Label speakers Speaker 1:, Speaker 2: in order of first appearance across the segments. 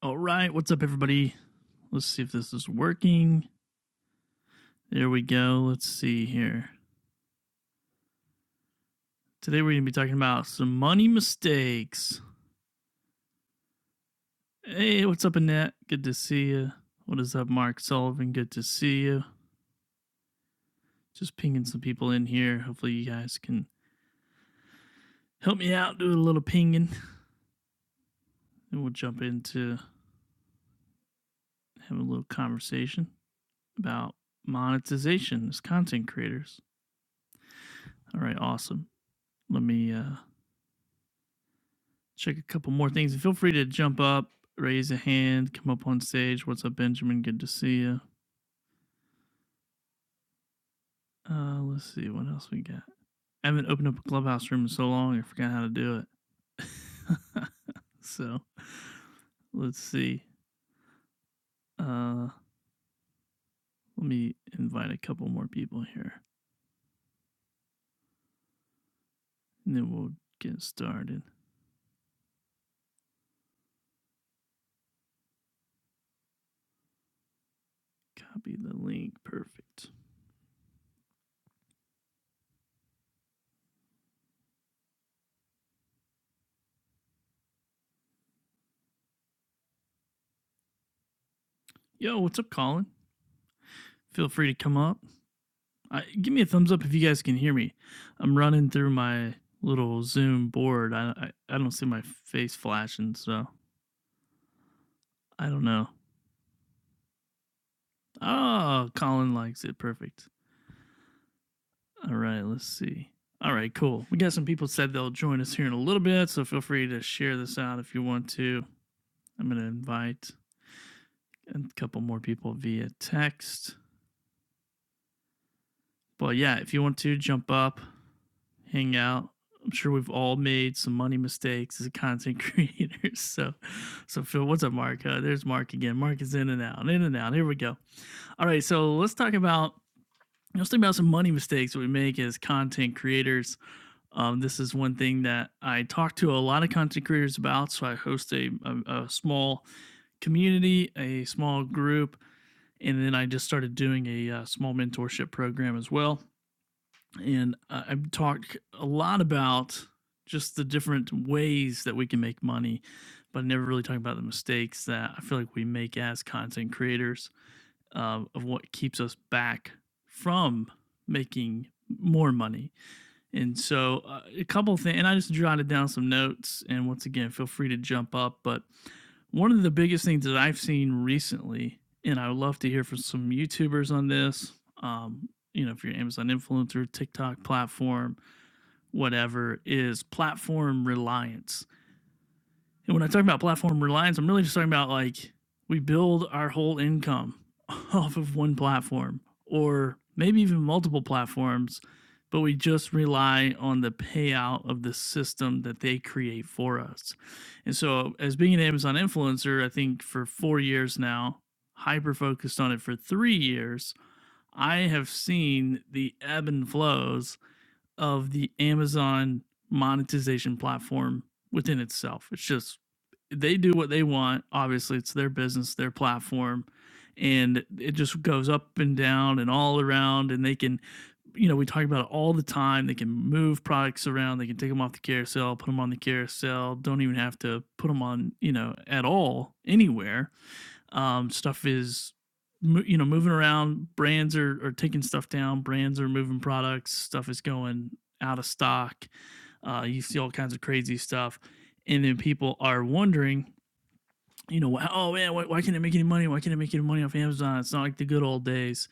Speaker 1: All right, what's up, everybody? Let's see if this is working. There we go. Let's see here. Today we're gonna be talking about some money mistakes. Hey, what's up, Annette? Good to see you. What is up, Mark Sullivan? Good to see you. Just pinging some people in here. Hopefully, you guys can help me out, do a little pinging, and we'll jump into having a little conversation about monetization as content creators. All right, awesome. Let me uh, check a couple more things. And feel free to jump up, raise a hand, come up on stage. What's up, Benjamin? Good to see you. Uh, let's see what else we got. I haven't opened up a clubhouse room in so long. I forgot how to do it. so let's see. Uh, let me invite a couple more people here, and then we'll get started. Copy the link. Perfect. Yo, what's up, Colin? Feel free to come up. I, give me a thumbs up if you guys can hear me. I'm running through my little Zoom board. I, I, I don't see my face flashing, so I don't know. Oh, Colin likes it. Perfect. All right, let's see. All right, cool. We got some people said they'll join us here in a little bit, so feel free to share this out if you want to. I'm going to invite a couple more people via text. But yeah, if you want to jump up, hang out. I'm sure we've all made some money mistakes as content creators. So, so Phil, what's up, Mark? Uh, there's Mark again. Mark is in and out, in and out. Here we go. All right, so let's talk about let's talk about some money mistakes that we make as content creators. Um, this is one thing that I talk to a lot of content creators about. So I host a, a, a small community, a small group, and then I just started doing a, uh small mentorship program as well and I- talk a lot about just the different ways that we can make money, but I never really talk about the mistakes that I feel like we make as content creators uh, of what keeps us back from making more money and so uh, a couple of things, and I just jotted down some notes. And once again, feel free to jump up. But one of the biggest things that I've seen recently, and I would love to hear from some YouTubers on this, um, you know, if you're an Amazon influencer, TikTok platform, whatever, is platform reliance. And when I talk about platform reliance, I'm really just talking about like we build our whole income off of one platform or maybe even multiple platforms, but we just rely on the payout of the system that they create for us. And so, as being an Amazon influencer, I think for four years now, hyper focused on it for three years, I have seen the ebb and flows of the Amazon monetization platform within itself. It's just they do what they want. Obviously, it's their business, their platform, and it just goes up and down and all around. And they can, you know, we talk about it all the time. They can move products around. They can take them off the carousel, put them on the carousel. Don't even have to put them on, you know, at all anywhere. Um, stuff is, mo- you know, moving around. Brands are are taking stuff down. Brands are moving products. Stuff is going out of stock. Uh, you see all kinds of crazy stuff and then people are wondering you know, oh man, why, why can't I make any money? Why can't I make any money off Amazon? It's not like the good old days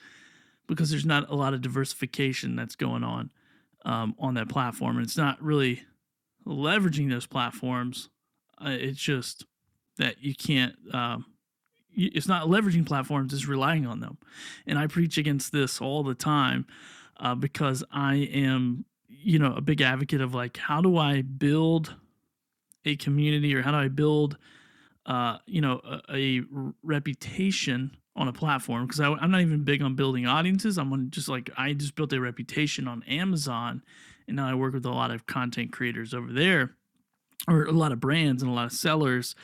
Speaker 1: because there's not a lot of diversification that's going on um, on that platform, and it's not really leveraging those platforms. Uh, it's just that you can't. Um, y- it's not leveraging platforms; it's relying on them. And I preach against this all the time uh, because I am, you know, a big advocate of like, how do I build a community or how do I build uh, you know, a, a reputation on a platform because I'm not even big on building audiences. I'm on just like I just built a reputation on Amazon, and now I work with a lot of content creators over there or a lot of brands and a lot of sellers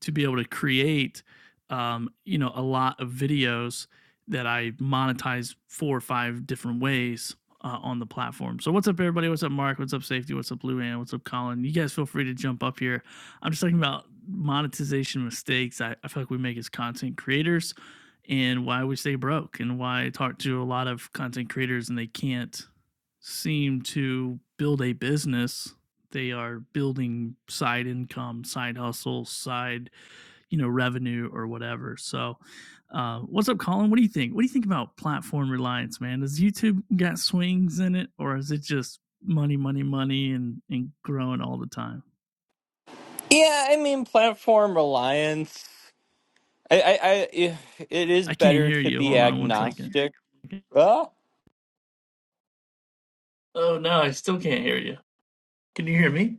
Speaker 1: to be able to create um, you know a lot of videos that i monetize four or five different ways uh, on the platform so what's up everybody what's up mark what's up safety what's up blue Ann? what's up colin you guys feel free to jump up here i'm just talking about monetization mistakes i, I feel like we make as content creators and why we stay broke and why i talk to a lot of content creators and they can't seem to build a business they are building side income, side hustle, side, you know, revenue or whatever. So, uh, what's up, Colin? What do you think? What do you think about platform reliance, man? Does YouTube got swings in it or is it just money, money, money and, and growing all the time?
Speaker 2: Yeah, I mean, platform reliance. I, I, I it is
Speaker 1: I can't
Speaker 2: better
Speaker 1: hear
Speaker 2: to
Speaker 1: you.
Speaker 2: be
Speaker 1: Hold on one second.
Speaker 2: agnostic.
Speaker 1: Okay.
Speaker 2: Ah.
Speaker 1: Oh, no, I still can't hear you. Can you hear me?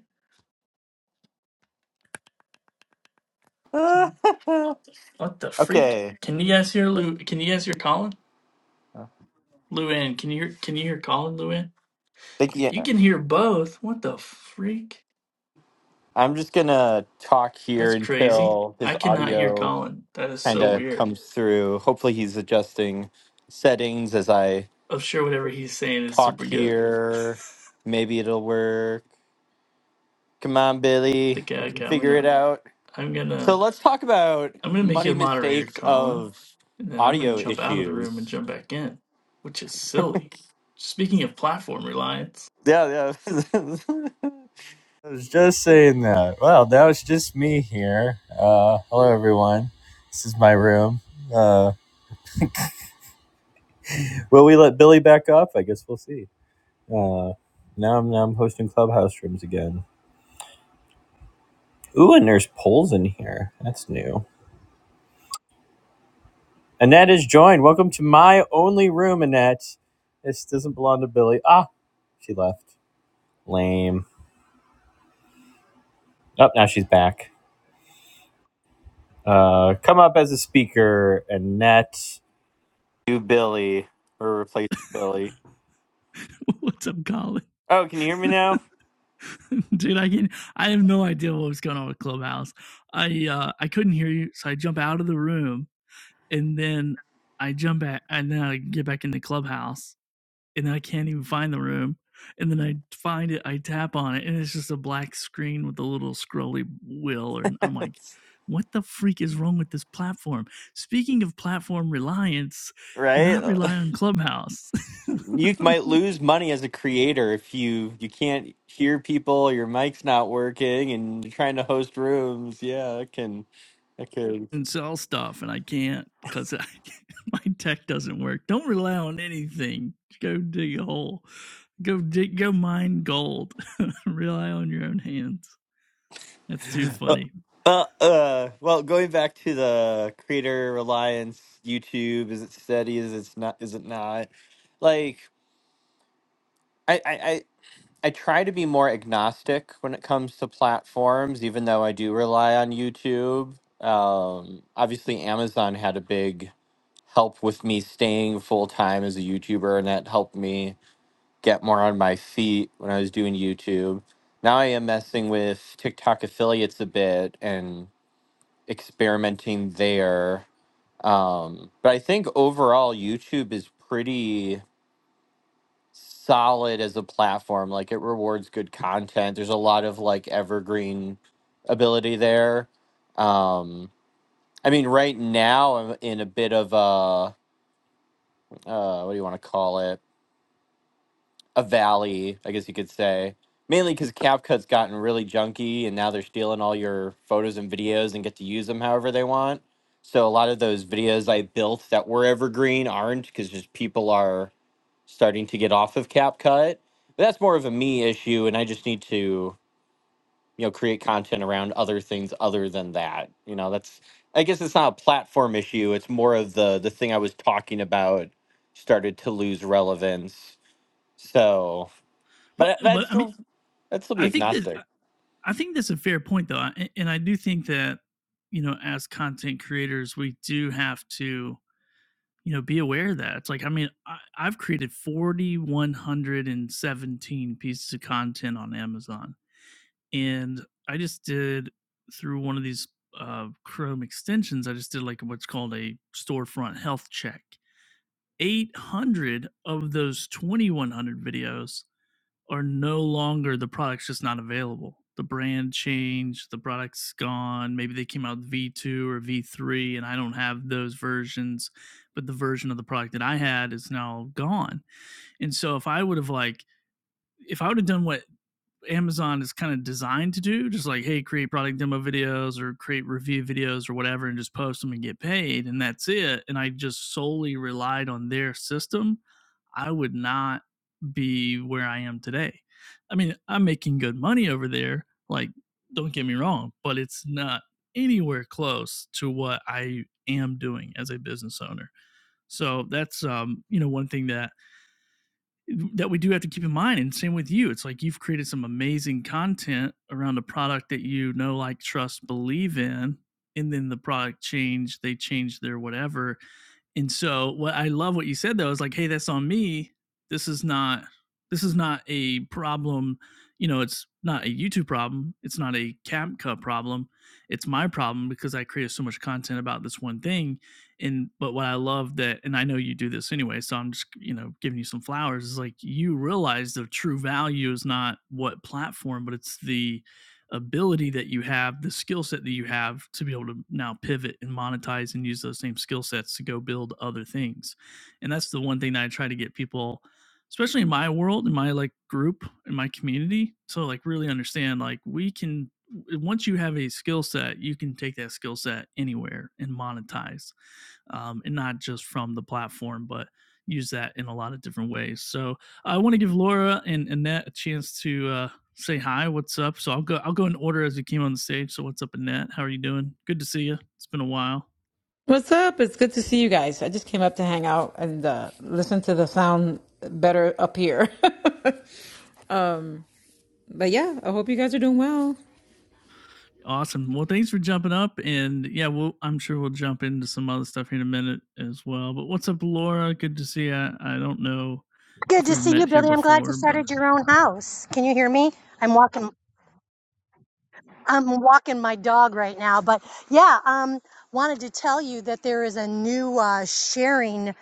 Speaker 1: What the freak?
Speaker 2: okay.
Speaker 1: Can you guys hear Lou? Can you guys hear Colin? Luann, can you hear, can you hear Colin, Luann?
Speaker 2: Thank you.
Speaker 1: You can hear both. What the freak?
Speaker 2: I'm just gonna talk here
Speaker 1: That's crazy.
Speaker 2: until his
Speaker 1: I cannot hear
Speaker 2: audio
Speaker 1: Colin. That is
Speaker 2: kind
Speaker 1: so
Speaker 2: of
Speaker 1: weird.
Speaker 2: comes through. Hopefully, he's adjusting settings as I
Speaker 1: I'm sure whatever he's saying is
Speaker 2: talk
Speaker 1: super good.
Speaker 2: here. Maybe it'll work. Come on, Billy.
Speaker 1: The
Speaker 2: We
Speaker 1: guy
Speaker 2: can
Speaker 1: got me
Speaker 2: figure it
Speaker 1: up.
Speaker 2: out.
Speaker 1: I'm
Speaker 2: So
Speaker 1: gonna
Speaker 2: let's talk about
Speaker 1: I'm gonna make you
Speaker 2: money
Speaker 1: a moderator,
Speaker 2: mistakes
Speaker 1: Colin.
Speaker 2: of
Speaker 1: And then I'm gonna
Speaker 2: audio
Speaker 1: jump out of the room and
Speaker 2: issues.
Speaker 1: jump back in. Which is silly. Speaking of platform reliance.
Speaker 2: Yeah, yeah. I was just saying that. Well, that was just me here. Uh, hello, everyone. This is my room. Uh, will we let Billy back up? I guess we'll see. Uh, now I'm now I'm hosting clubhouse rooms again. Ooh, and there's polls in here. That's new. Annette is joined. Welcome to my only room, Annette. This doesn't belong to Billy. Ah, she left. Lame. Oh, now she's back. Uh, come up as a speaker, Annette. do Billy or replace Billy.
Speaker 1: What's up, Colin?
Speaker 2: Oh, can you hear me now?
Speaker 1: Dude, I can I have no idea what was going on with Clubhouse. I uh I couldn't hear you, so I jump out of the room and then I jump back and then I get back in the clubhouse and I can't even find the room. And then I find it, I tap on it, and it's just a black screen with a little scrolly wheel. And I'm like, what the freak is wrong with this platform? Speaking of platform reliance, do
Speaker 2: right?
Speaker 1: not rely on Clubhouse
Speaker 2: You might lose money as a creator if you you can't hear people, your mic's not working and you're trying to host rooms. Yeah, it can it can
Speaker 1: and sell stuff. And I can't because I, my tech doesn't work. Don't rely on anything. Go dig a hole. Go dig, go mine gold. rely on your own hands. That's too funny.
Speaker 2: well, uh, well, going back to the creator reliance, YouTube, is it steady? Is it not? Is it not? Like, I, I. I try to be more agnostic when it comes to platforms, even though I do rely on YouTube. Um, obviously, Amazon had a big help with me staying full time as a YouTuber, and that helped me get more on my feet when I was doing YouTube. Now I am messing with TikTok affiliates a bit and experimenting there. Um, but I think overall, YouTube is pretty solid as a platform. Like it rewards good content. There's a lot of like evergreen ability there. Um, I mean, right now I'm in a bit of a uh, what do you want to call it? A valley, I guess you could say. Mainly because CapCut's gotten really junky, and now they're stealing all your photos and videos and get to use them however they want. So a lot of those videos I built that were evergreen aren't because just people are starting to get off of CapCut. But that's more of a me issue, and I just need to, you know, create content around other things other than that. You know, that's I guess it's not a platform issue. It's more of the the thing I was talking about started to lose relevance. So,
Speaker 1: But
Speaker 2: but that- would
Speaker 1: but I mean,
Speaker 2: still that'd still be
Speaker 1: I think that
Speaker 2: agnostic.
Speaker 1: I I think that's a fair point though, a- and I do think that you know, as content creators, we do have to you know be aware of that. It's like I mean, I, I've created forty one hundred and seventeen pieces of content on Amazon. And I just did through one of these uh, Chrome extensions. I just did like what's called a storefront health check. 800 of those 2100 videos are no longer the product's just not available. The brand changed, the product's gone. Maybe they came out with V2 or V3, and I don't have those versions, but the version of the product that I had is now gone. And so if I would have like, if I would have done what Amazon is kind of designed to do, just like, hey, create product demo videos or create review videos or whatever, and just post them and get paid, and that's it. And I just solely relied on their system. I would not be where I am today. I mean, I'm making good money over there. Like, don't get me wrong, but it's not anywhere close to what I am doing as a business owner. So that's um, you know, one thing that that we do have to keep in mind and same with you it's like you've created some amazing content around a product that you know like trust believe in and then the product change they change their whatever and so what I love what you said though is like, hey, that's on me. This is not this is not a problem, you know, it's not a YouTube problem. It's not a CapCut problem. It's my problem because I created so much content about this one thing. And but what I love that and I know you do this anyway, so I'm just, you know, giving you some flowers is like you realize the true value is not what platform, but it's the ability that you have, the skill set that you have to be able to now pivot and monetize and use those same skill sets to go build other things. And that's the one thing that I try to get people, especially in my world, in my like group, in my community, to like really understand like we can once you have a skill set, you can take that skill set anywhere and monetize. Um, and not just from the platform, but use that in a lot of different ways. So I want to give Laura and Annette a chance to uh, say hi. What's up? So I'll go. I'll go in order as you came on the stage. So what's up, Annette? How are you doing? Good to see you. It's been a while.
Speaker 3: What's up? It's good to see you guys. I just came up to hang out and uh, listen to the sound better up here. um, but yeah, I hope you guys are doing well.
Speaker 1: Awesome. Well, thanks for jumping up, and yeah, we'll, I'm sure we'll jump into some other stuff here in a minute as well. But what's up, Laura? Good to see you. I I don't know
Speaker 4: Good
Speaker 1: if
Speaker 4: to
Speaker 1: we've
Speaker 4: see you,
Speaker 1: met here
Speaker 4: Billy. I'm glad you
Speaker 1: before, but
Speaker 4: started your own house. Can you hear me? I'm walking. I'm walking my dog right now, but yeah, um, wanted to tell you that there is a new uh, sharing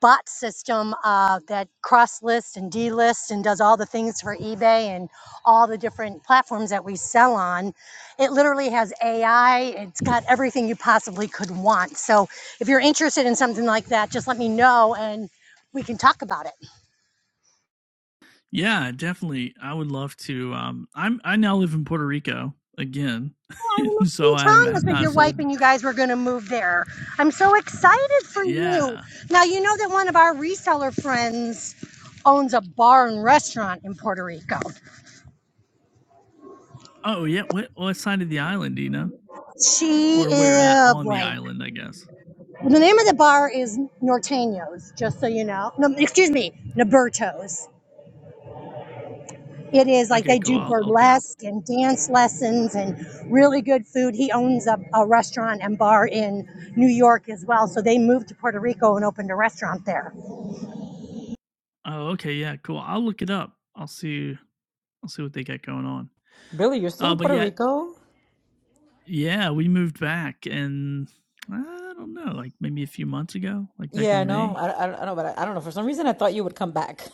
Speaker 4: bot system uh, that cross lists and delists and does all the things for eBay and all the different platforms that we sell on. It literally has AI. It's got everything you possibly could want. So if you're interested in something like that, just let me know and we can talk about it.
Speaker 1: yeah, definitely. I would love to. Um, I'm I now live in Puerto Rico again,
Speaker 4: I remember
Speaker 1: so
Speaker 4: you
Speaker 1: I
Speaker 4: telling us
Speaker 1: have
Speaker 4: that
Speaker 1: not
Speaker 4: your wife
Speaker 1: sold.
Speaker 4: and you guys were going to move there. I'm so excited for you.
Speaker 1: Yeah.
Speaker 4: Now, you know that one of our reseller friends owns a bar and restaurant in Puerto Rico.
Speaker 1: Oh yeah. What what side of the island do you know?
Speaker 4: She,
Speaker 1: Or where at
Speaker 4: is
Speaker 1: on the
Speaker 4: boy,
Speaker 1: island, I guess.
Speaker 4: the name of the bar is Norteños, just so you know. No, excuse me, Nabertos. It is like
Speaker 1: Okay,
Speaker 4: they
Speaker 1: cool.
Speaker 4: do
Speaker 1: I'll, I'll look it up.
Speaker 4: burlesque and dance lessons and really good food. He owns a, a restaurant and bar in New York as well. So they moved to Puerto Rico and opened a restaurant there.
Speaker 1: Oh, okay, yeah, cool. I'll look it up. I'll see. I'll see what they got going on.
Speaker 3: Billy, you're still
Speaker 1: Uh,
Speaker 3: in
Speaker 1: but
Speaker 3: Puerto
Speaker 1: yeah,
Speaker 3: Rico?
Speaker 1: yeah, we moved back, and I don't know, like maybe a few months ago, like back in
Speaker 3: Yeah, no,
Speaker 1: May.
Speaker 3: I, I, I know, but I, I don't know. For some reason, I thought you would come back.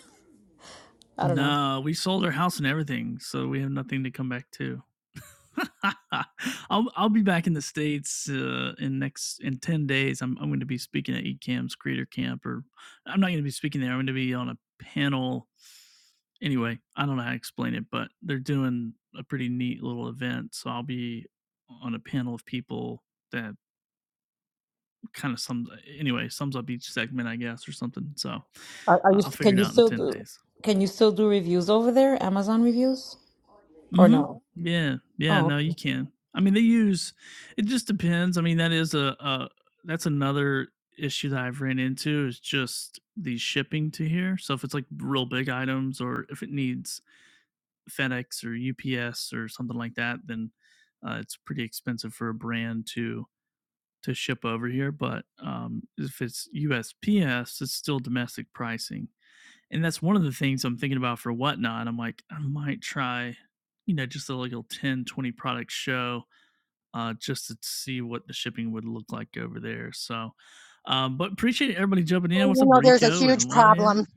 Speaker 3: I don't know.
Speaker 1: No, we sold our house and everything, so we have nothing to come back to. I'll I'll be back in the states uh, in next in ten days. I'm I'm going to be speaking at ECAM's Creator Camp, or I'm not going to be speaking there. I'm going to be on a panel. Anyway, I don't know how to explain it, but they're doing a pretty neat little event. So I'll be on a panel of people that kind of sums anyway sums up each segment, I guess, or something. So
Speaker 3: Are, are
Speaker 1: uh,
Speaker 3: you?
Speaker 1: I'll figure
Speaker 3: Can
Speaker 1: it
Speaker 3: you
Speaker 1: out in
Speaker 3: still
Speaker 1: ten
Speaker 3: do?
Speaker 1: days.
Speaker 3: Can you still do reviews over there? Amazon reviews or
Speaker 1: Mhm.
Speaker 3: no?
Speaker 1: Yeah. Yeah,
Speaker 3: Oh,
Speaker 1: no,
Speaker 3: okay.
Speaker 1: you can. I mean, they use it just depends. I mean, that is a, a that's another issue that I've ran into is just the shipping to here. So if it's like real big items or if it needs FedEx or UPS or something like that, then uh, it's pretty expensive for a brand to to ship over here. But um, if it's USPS, it's still domestic pricing. And that's one of the things I'm thinking about for Whatnot. I'm like, I might try, you know, just a little 10, 20 product show uh, just to see what the shipping would look like over there. So, um, but appreciate everybody jumping
Speaker 4: Well,
Speaker 1: in. What's
Speaker 4: you
Speaker 1: up,
Speaker 4: know, there's a
Speaker 1: Rico and
Speaker 4: huge
Speaker 1: Wyatt?
Speaker 4: problem.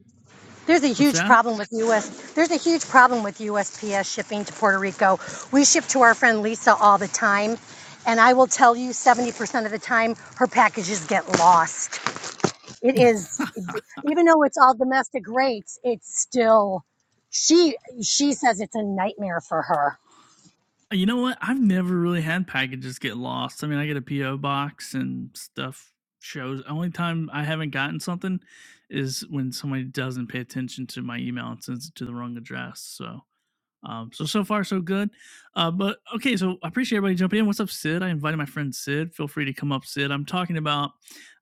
Speaker 4: There's a
Speaker 1: What's
Speaker 4: huge
Speaker 1: that?
Speaker 4: problem with U.S. There's a huge problem with USPS shipping to Puerto Rico. We ship to our friend Lisa all the time, and I will tell you, 70% of the time, her packages get lost. It is, even though it's all domestic rates, it's still. She she says it's a nightmare for her.
Speaker 1: You know what? I've never really had packages get lost. I mean, I get a PO box and stuff shows. Only time I haven't gotten something is when somebody doesn't pay attention to my email and sends it to the wrong address. So um, so so far so good. Uh, but okay, so I appreciate everybody jumping in. What's up, Sid? I invited my friend Sid. Feel free to come up, Sid. I'm talking about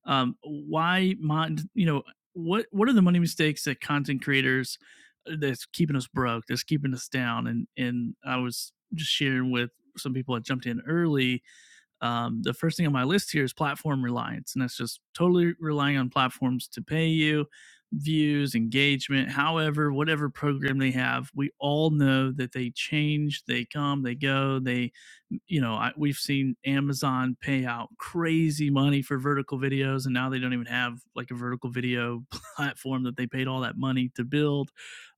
Speaker 1: um, why mon you know what what are the money mistakes that content creators uh, that's keeping us broke, that's keeping us down, and and I was just sharing with some people that jumped in early um, the first thing on my list here is platform reliance, and that's just totally relying on platforms to pay you views, engagement, however, whatever program they have. We all know that they change, they come, they go, they, you know, I, we've seen Amazon pay out crazy money for vertical videos, and now they don't even have like a vertical video platform that they paid all that money to build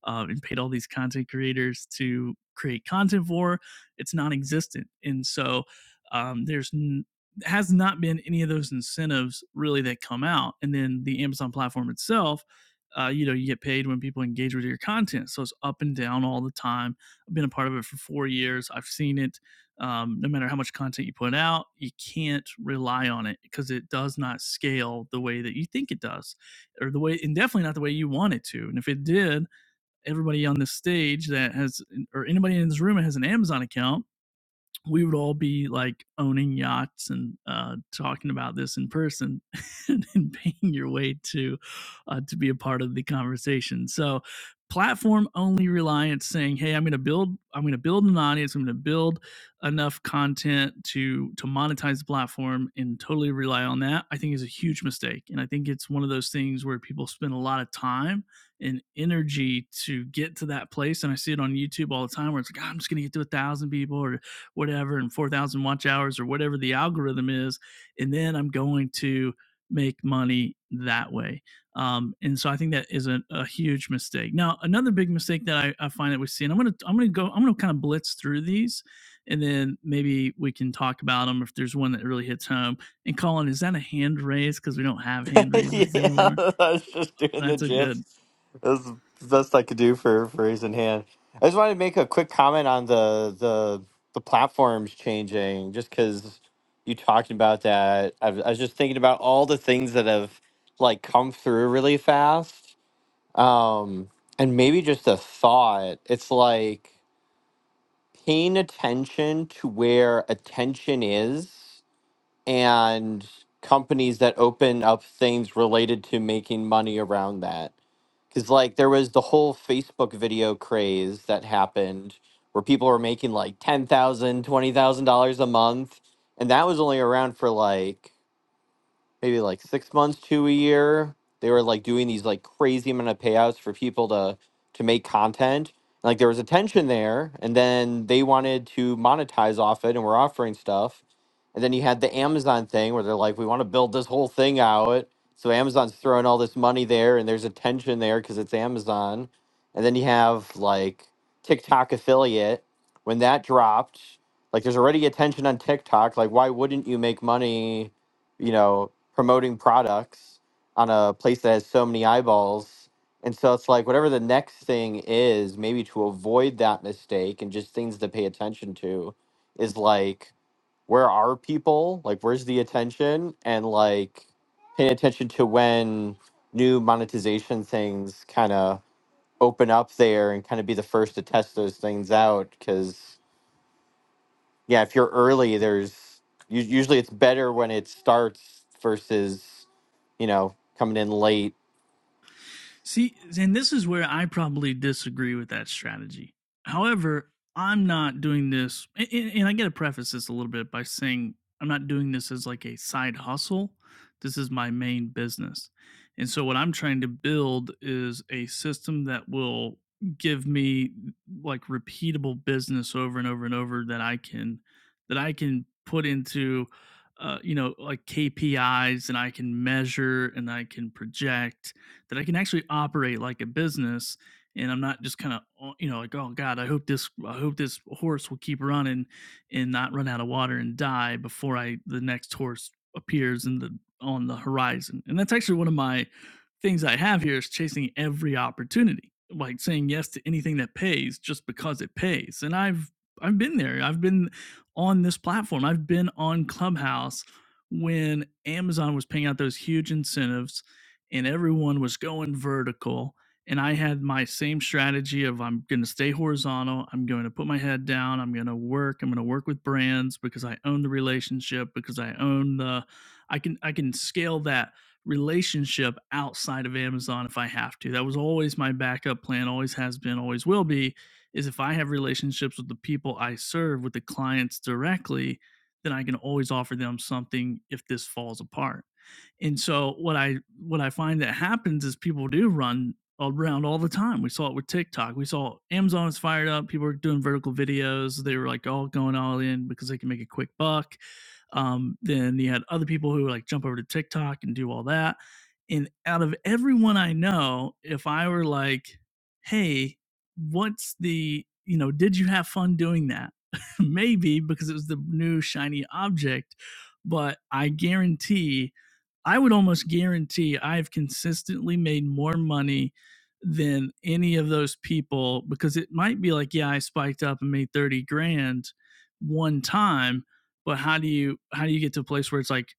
Speaker 1: uh, and paid all these content creators to create content for. It's non existent. And so, um, there's n- has not been any of those incentives really that come out and then the amazon platform itself uh, you know you get paid when people engage with your content so it's up and down all the time i've been a part of it for four years i've seen it um, no matter how much content you put out you can't rely on it because it does not scale the way that you think it does or the way and definitely not the way you want it to and if it did everybody on this stage that has or anybody in this room that has an amazon account we would all be like owning yachts and uh, talking about this in person and, and paying your way to uh, to be a part of the conversation. So platform only reliance saying hey i'm going to build i'm going to build an audience i'm going to build enough content to to monetize the platform and totally rely on that i think is a huge mistake and i think it's one of those things where people spend a lot of time and energy to get to that place and i see it on youtube all the time where it's like "Ah, i'm just going to get to a thousand people or whatever and 4000 watch hours or whatever the algorithm is and then i'm going to make money that way um, and so i think that is a, a huge mistake now another big mistake that I, I find that we see and i'm gonna i'm gonna go i'm gonna kind of blitz through these and then maybe we can talk about them if there's one that really hits home and colin is that a hand raise because we don't have hand raises
Speaker 2: yeah,
Speaker 1: anymore
Speaker 2: I was just doing the
Speaker 1: that's a good
Speaker 2: gifs. That was the best I could do for for raising hand. I just wanted to make a quick comment on the the the platforms changing, just because you talked about that. I was, I was just thinking about all the things that have like come through really fast, um, and maybe just a thought. It's like paying attention to where attention is and companies that open up things related to making money around that. Because, like, there was the whole Facebook video craze that happened where people were making like $10,000, $20,000 a month. And that was only around for like maybe like six months to a year. They were like doing these like crazy amount of payouts for people to to make content. And, Like there was a tension there, and then they wanted to monetize off it, and we're offering stuff. And then you had the Amazon thing where they're like, we want to build this whole thing out. So Amazon's throwing all this money there, and there's a tension there because it's Amazon. And then you have like TikTok affiliate. When that dropped, like there's already a tension on TikTok. Like, why wouldn't you make money you know, promoting products on a place that has so many eyeballs. And so it's like whatever the next thing is, maybe to avoid that mistake and just things to pay attention to is like, where are people? Like, where's the attention? And like, paying attention to when new monetization things kind of open up there and kind of be the first to test those things out. Cause yeah, if you're early, there's u- usually it's better when it starts versus you know coming in late
Speaker 1: See, and this is where I probably disagree with that strategy. However, I'm not doing this, and, and I got to preface this a little bit by saying I'm not doing this as like a side hustle. This is my main business. And so, what I'm trying to build is a system that will give me like repeatable business over and over and over that I can that I can put into uh, you know like KPIs and I can measure and I can project that I can actually operate like a business and I'm not just kind of you know like oh god I hope this I hope this horse will keep running and not run out of water and die before I the next horse appears in the on the horizon and that's actually one of my things I have here is chasing every opportunity like saying yes to anything that pays just because it pays and I've I've been there I've been on this platform I've been on Clubhouse when Amazon was paying out those huge incentives and everyone was going vertical. And I had my same strategy of I'm going to stay horizontal. I'm going to put my head down. I'm going to work. I'm going to work with brands because I own the relationship because I own the I can I can scale that relationship outside of Amazon if I have to. That was always my backup plan, always has been, always will be is if I have relationships with the people I serve with the clients directly, then I can always offer them something if this falls apart. And so what I what I find that happens is people do run around all the time. We saw it with TikTok. We saw Amazon is fired up. People are doing vertical videos. They were like all going all in because they can make a quick buck. Um, then you had other people who like jump over to TikTok and do all that. And out of everyone I know, if I were like, hey, what's the, you know, did you have fun doing that? Maybe because it was the new shiny object, but I guarantee, I would almost guarantee I've consistently made more money than any of those people because it might be like, yeah, I spiked up and made 30 grand one time but how do you how do you get to a place where it's like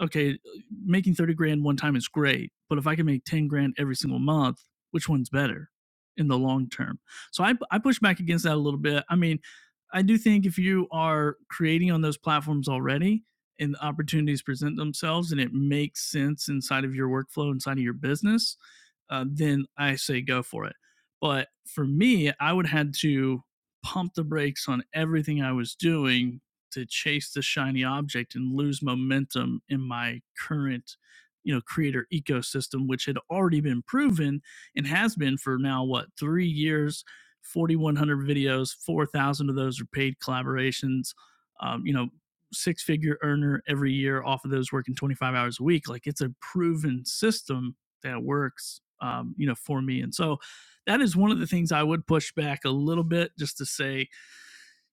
Speaker 1: okay making 30 grand one time is great but if i can make 10 grand every single month which one's better in the long term so i, I push back against that a little bit i mean i do think if you are creating on those platforms already and the opportunities present themselves and it makes sense inside of your workflow inside of your business uh, then i say go for it but for me i would have had to pump the brakes on everything i was doing to chase the shiny object and lose momentum in my current you know creator ecosystem which had already been proven and has been for now what 3 years 4100 videos 4000 of those are paid collaborations um, you know six figure earner every year off of those working 25 hours a week like it's a proven system that works um, you know for me and so that is one of the things i would push back a little bit just to say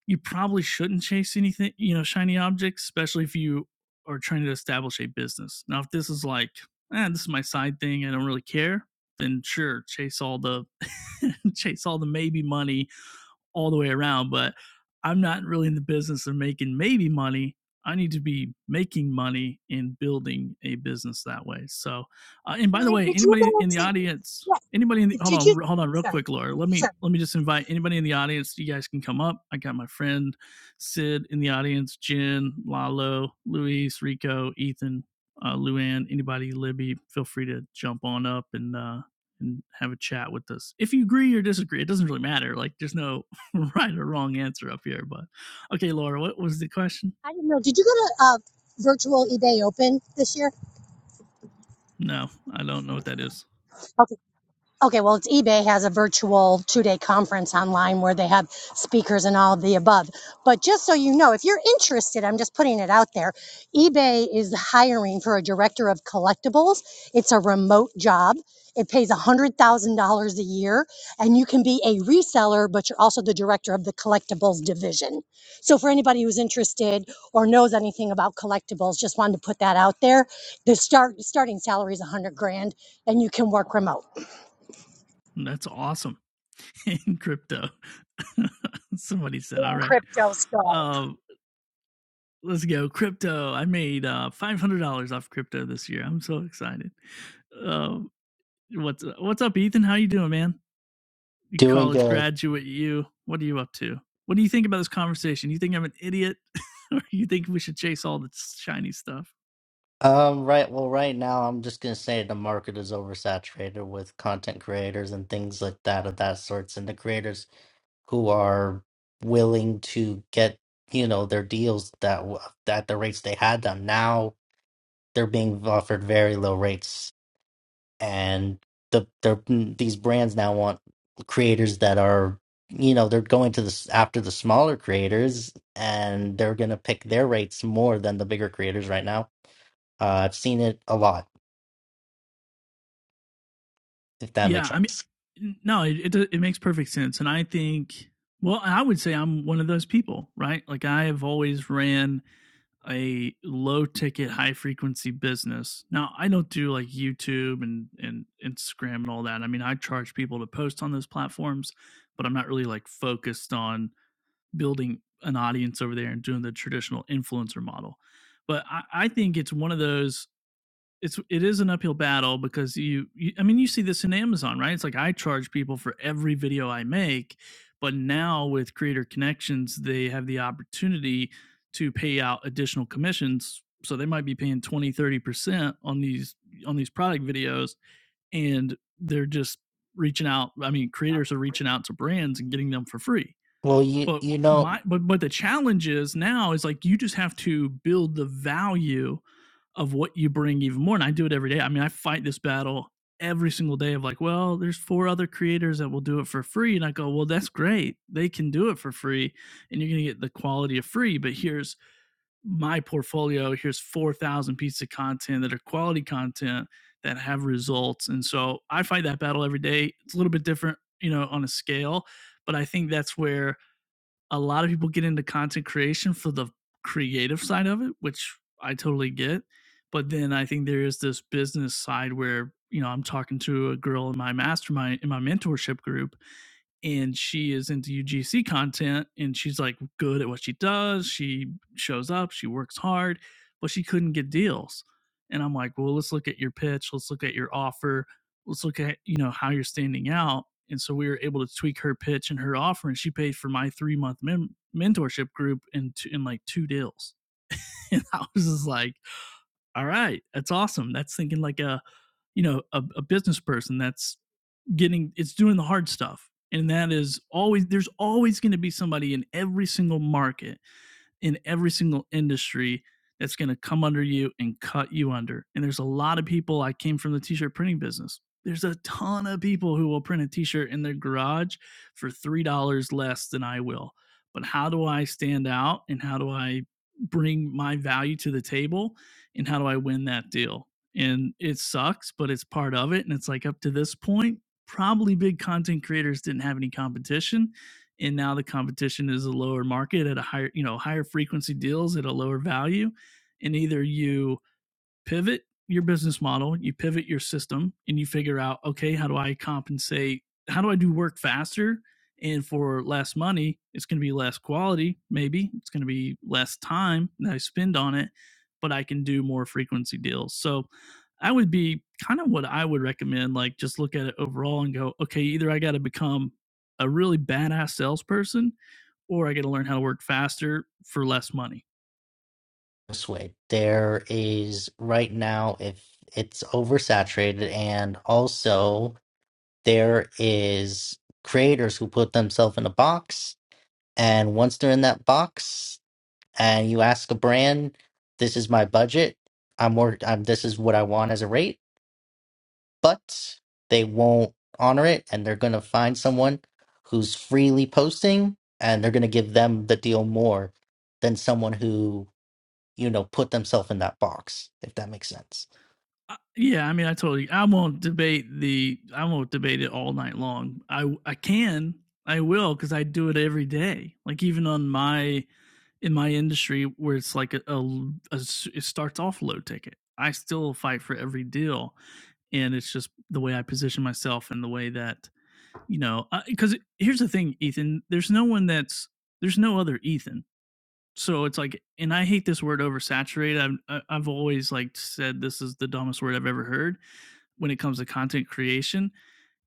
Speaker 1: you probably shouldn't chase anything, you know, shiny objects, especially if you are trying to establish a business. Now, if this is like, eh, this is my side thing, I don't really care, then sure, chase all the chase all the maybe money all the way around, but I'm not really in the business of making maybe money. I need to be making money and building a business that way. So, uh, and by the
Speaker 4: Really?
Speaker 1: way,
Speaker 4: Did you
Speaker 1: anybody
Speaker 4: go
Speaker 1: in the
Speaker 4: to?
Speaker 1: audience,
Speaker 4: Yeah,
Speaker 1: anybody in the hold
Speaker 4: did you?
Speaker 1: on, hold on, real
Speaker 4: Sorry,
Speaker 1: quick, Laura. Let me
Speaker 4: sorry.
Speaker 1: let me just invite anybody in the audience. You guys can come up. I got my friend Sid in the audience, Jen, Lalo, Luis, Rico, Ethan, uh, Luann, anybody, Libby. Feel free to jump on up and uh, and have a chat with us. If you agree or disagree, it doesn't really matter. Like, there's no right or wrong answer up here, but okay, Laura, what was the question?
Speaker 4: I didn't know. Did you go to uh, virtual eBay Open this year?
Speaker 1: No, I don't know what that is.
Speaker 4: Okay. Okay, well, it's eBay has a virtual two day conference online where they have speakers and all of the above. But just so you know, if you're interested, I'm just putting it out there. eBay is hiring for a director of collectibles. It's a remote job. It pays $100,000 a year, and you can be a reseller, but you're also the director of the collectibles division. So, for anybody who's interested or knows anything about collectibles, just wanted to put that out there. The start starting salary is 100 grand, and you can work remote.
Speaker 1: That's awesome in crypto. Somebody said, all
Speaker 4: doing
Speaker 1: right.
Speaker 4: crypto stuff.
Speaker 1: Uh, let's go. Crypto. I made uh, $500 off crypto this year. I'm so excited. Uh, what's, uh, what's up, Ethan? How you doing, man? You
Speaker 5: Doing
Speaker 1: college
Speaker 5: good.
Speaker 1: graduate, you. What are you up to? What do you think about this conversation? You think I'm an idiot? or you think we should chase all the shiny stuff?
Speaker 5: Um, right. Well, right now, I'm just gonna say the market is oversaturated with content creators and things like that of that sorts, and the creators who are willing to get, you know, their deals that w- at the rates they had them. Now they're being offered very low rates, and the they're, mm, these brands now want creators that are, you know, they're going to this after the smaller creators, and they're gonna pick their rates more than the bigger creators right now Uh, I've seen it a lot, if that
Speaker 1: Yeah,
Speaker 5: makes
Speaker 1: I mean,
Speaker 5: sense.
Speaker 1: no, it, it it makes perfect sense, and I think, well, I would say I'm one of those people, right? Like I have always ran a low ticket, high frequency business. Now I don't do like YouTube and and Instagram and all that. I mean, I charge people to post on those platforms, but I'm not really like focused on building an audience over there and doing the traditional influencer model. But I, I think it's one of those it's it is an uphill battle because you, you I mean you see this in Amazon, right? It's like I charge people for every video I make, but now with creator connections, they have the opportunity to pay out additional commissions. So they might be paying twenty thirty percent on these on these product videos and they're just reaching out. I mean, creators are reaching out to brands and getting them for free.
Speaker 5: Well, you
Speaker 1: But
Speaker 5: you know
Speaker 1: my but but the challenge is now is like you just have to build the value of what you bring even more. And I do it every day. I mean, I fight this battle every single day of like, well, there's four other creators that will do it for free. And I go, well, that's great. They can do it for free. And you're going to get the quality of free. But here's my portfolio. Here's 4,000 pieces of content that are quality content that have results. And so I fight that battle every day. It's a little bit different, you know, on a scale. But I think that's where a lot of people get into content creation for the creative side of it, which I totally get. But then I think there is this business side where, you know, I'm talking to a girl in my mastermind, in my mentorship group, and she is into UGC content and she's like good at what she does. She shows up, she works hard, but she couldn't get deals. And I'm like, well, let's look at your pitch, let's look at your offer, let's look at, you know, how you're standing out. And so we were able to tweak her pitch and her offer, and she paid for my three month men- mentorship group in two, in like two deals. And I was just like, all right, that's awesome. That's thinking like a you know a, a business person. That's getting it's doing the hard stuff and that is always there's always going to be somebody in every single market in every single industry that's going to come under you and cut you under. And there's a lot of people. I came from the t shirt printing business. There's a ton of people who will print a t shirt in their garage for $3 less than I will. But how do I stand out and how do I bring my value to the table and how do I win that deal? And it sucks, but it's part of it. And it's like up to this point, probably big content creators didn't have any competition and now the competition is a lower market at a higher you know higher frequency deals at a lower value and either you pivot your business model, you pivot your system, and you figure out, okay, how do I compensate? How do I do work faster? And for less money, it's going to be less quality, maybe. It's going to be less time that I spend on it, but I can do more frequency deals. So I would be kind of what I would recommend, like just look at it overall and go, okay, either I got to become a really badass salesperson or I got to learn how to work faster for less money
Speaker 5: this way. There is right now if it's oversaturated and also there is creators who put themselves in a box and once they're in that box and you ask a brand, this is my budget, I'm work I'm this is what I want as a rate but they won't honor it and they're going to find someone who's freely posting and they're going to give them the deal more than someone who you know put themselves in that box if that makes sense
Speaker 1: Uh, yeah, I mean, I told you, I won't debate the, I won't debate it all night long. I I can, I will, because I do it every day. Like even on my in my industry where it's like a, a l- a s- it starts off low ticket. I still fight for every deal, and it's just the way I position myself and the way that you know. Because here's the thing, Ethan. There's no one that's there's no other Ethan. So it's like, and I hate this word oversaturated. I've I- I've always like said this is the dumbest word I've ever heard when it comes to content creation.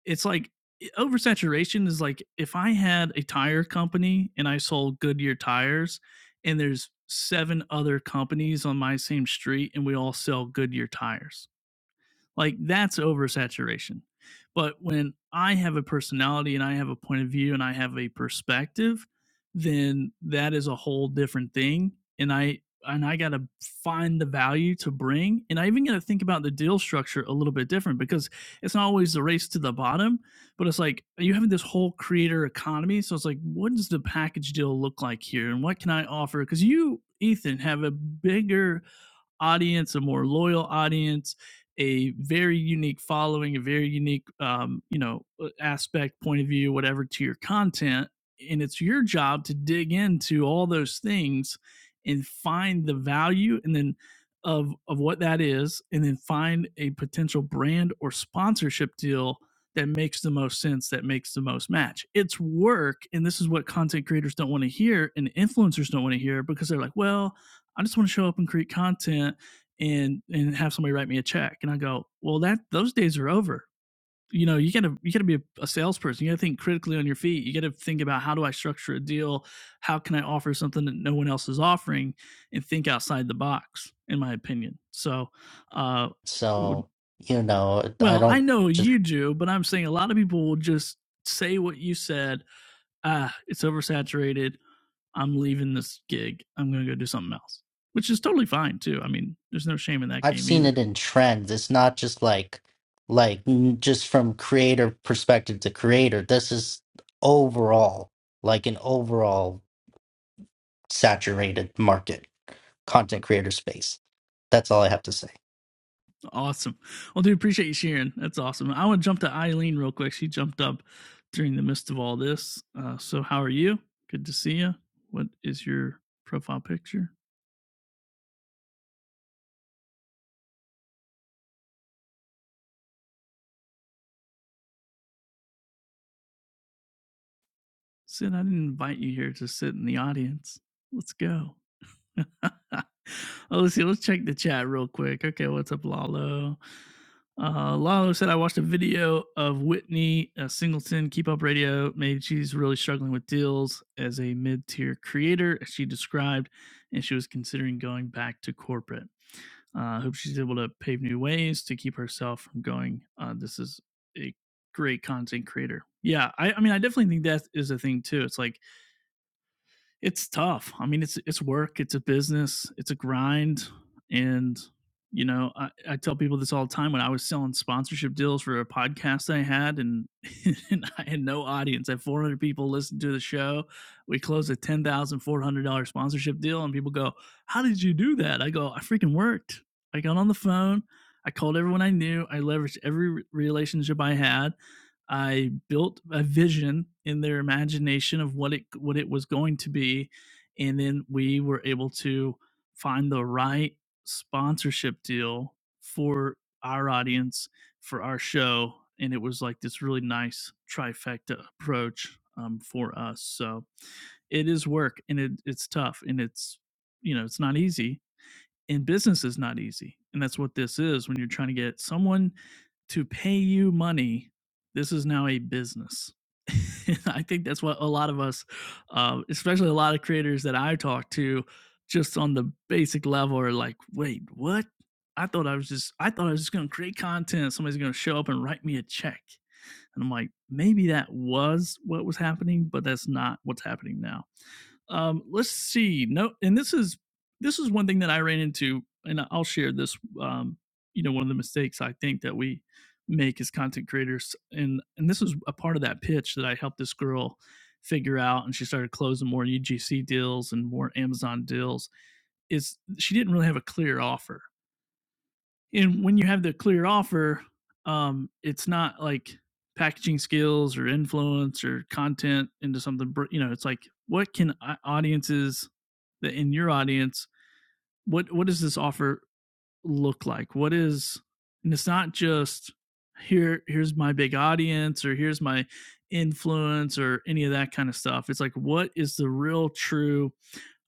Speaker 1: It's like oversaturation is like if I had a tire company and I sold Goodyear tires and there's seven other companies on my same street and we all sell Goodyear tires like that's oversaturation. But when I have a personality and I have a point of view and I have a perspective, then that is a whole different thing. And I and I got to find the value to bring. And I even got to think about the deal structure a little bit different because it's not always the race to the bottom, but it's like you having this whole creator economy. So it's like, what does the package deal look like here? And what can I offer? Because you, Ethan, have a bigger audience, a more loyal audience, a very unique following, a very unique, um, you know, uh, aspect, point of view, whatever to your content. And it's your job to dig into all those things and find the value and then of of what that is and then find a potential brand or sponsorship deal that makes the most sense that makes the most match it's work and this is what content creators don't want to hear and influencers don't want to hear because they're like well I just want to show up and create content and and have somebody write me a check. And I go, well, that those days are over. You know, you gotta you gotta be a, a salesperson. You gotta think critically on your feet. You gotta think about how do I structure a deal? How can I offer something that no one else is offering? And think outside the box, in my opinion. So, uh, would-
Speaker 5: so you know i
Speaker 1: well, I
Speaker 5: don't
Speaker 1: know
Speaker 5: just
Speaker 1: you do, but I'm saying a lot of people will just say what you said. Ah, it's oversaturated. I'm leaving this gig. I'm going to go do something else, which is totally fine too. I mean, there's no shame in that
Speaker 5: i've
Speaker 1: game
Speaker 5: seen it
Speaker 1: either.
Speaker 5: in trends it's not just like like n- just from creator perspective to creator this is overall like an overall saturated market content creator space that's all i have to say
Speaker 1: Awesome. Well, dude, appreciate you sharing. That's awesome. I want to jump to Eileen real quick. She jumped up during the midst of all this. Uh, so, how are you? Good to see you. What is your profile picture? Sid, I didn't invite you here to sit in the audience. Let's go. Oh, let's see. Let's check the chat real quick. Okay, what's up, Lalo? Uh, Lalo said I watched a video of Whitney uh, Singleton keep up radio. Maybe she's really struggling with deals as a mid-tier creator, as she described, and she was considering going back to corporate. I Uh, hope she's able to pave new ways to keep herself from going. Uh, this is a great content creator. Yeah, I, I mean, I definitely think that is a thing too. It's like it's tough. I mean, it's it's work, it's a business, it's a grind, and you know, I, I tell people this all the time. When I was selling sponsorship deals for a podcast I had, and, and I had no audience, I had 400 people listen to the show. We closed a ten thousand four hundred dollar sponsorship deal, and people go, "How did you do that?" I go, "I freaking worked. I got on the phone." I called everyone I knew. I leveraged every re- relationship I had I built a vision in their imagination of what it what it was going to be, and then we were able to find the right sponsorship deal for our audience for our show, and it was like this really nice trifecta approach um, for us. So it is work, and it, it's tough, and it's you know it's not easy, and business is not easy. And that's what this is when you're trying to get someone to pay you money. This is now a business. I think that's what a lot of us, uh, especially a lot of creators that I talk to, just on the basic level are like, wait, what? I thought I was just, I thought I was just going to create content. Somebody's going to show up and write me a check. And I'm like, maybe that was what was happening, but that's not what's happening now. Um, let's see. No, and this is this is one thing that I ran into, and I'll share this. Um, you know, one of the mistakes I think that we make as content creators, and and this was a part of that pitch that I helped this girl figure out, and she started closing more UGC deals and more Amazon deals. Is she didn't really have a clear offer and when you have the clear offer, um, it's not like packaging skills or influence or content into something. You know, it's like what can audiences that in your audience, what what does this offer look like? What is, and it's not just here. Here's my big audience or here's my influence or any of that kind of stuff. It's like what is the real true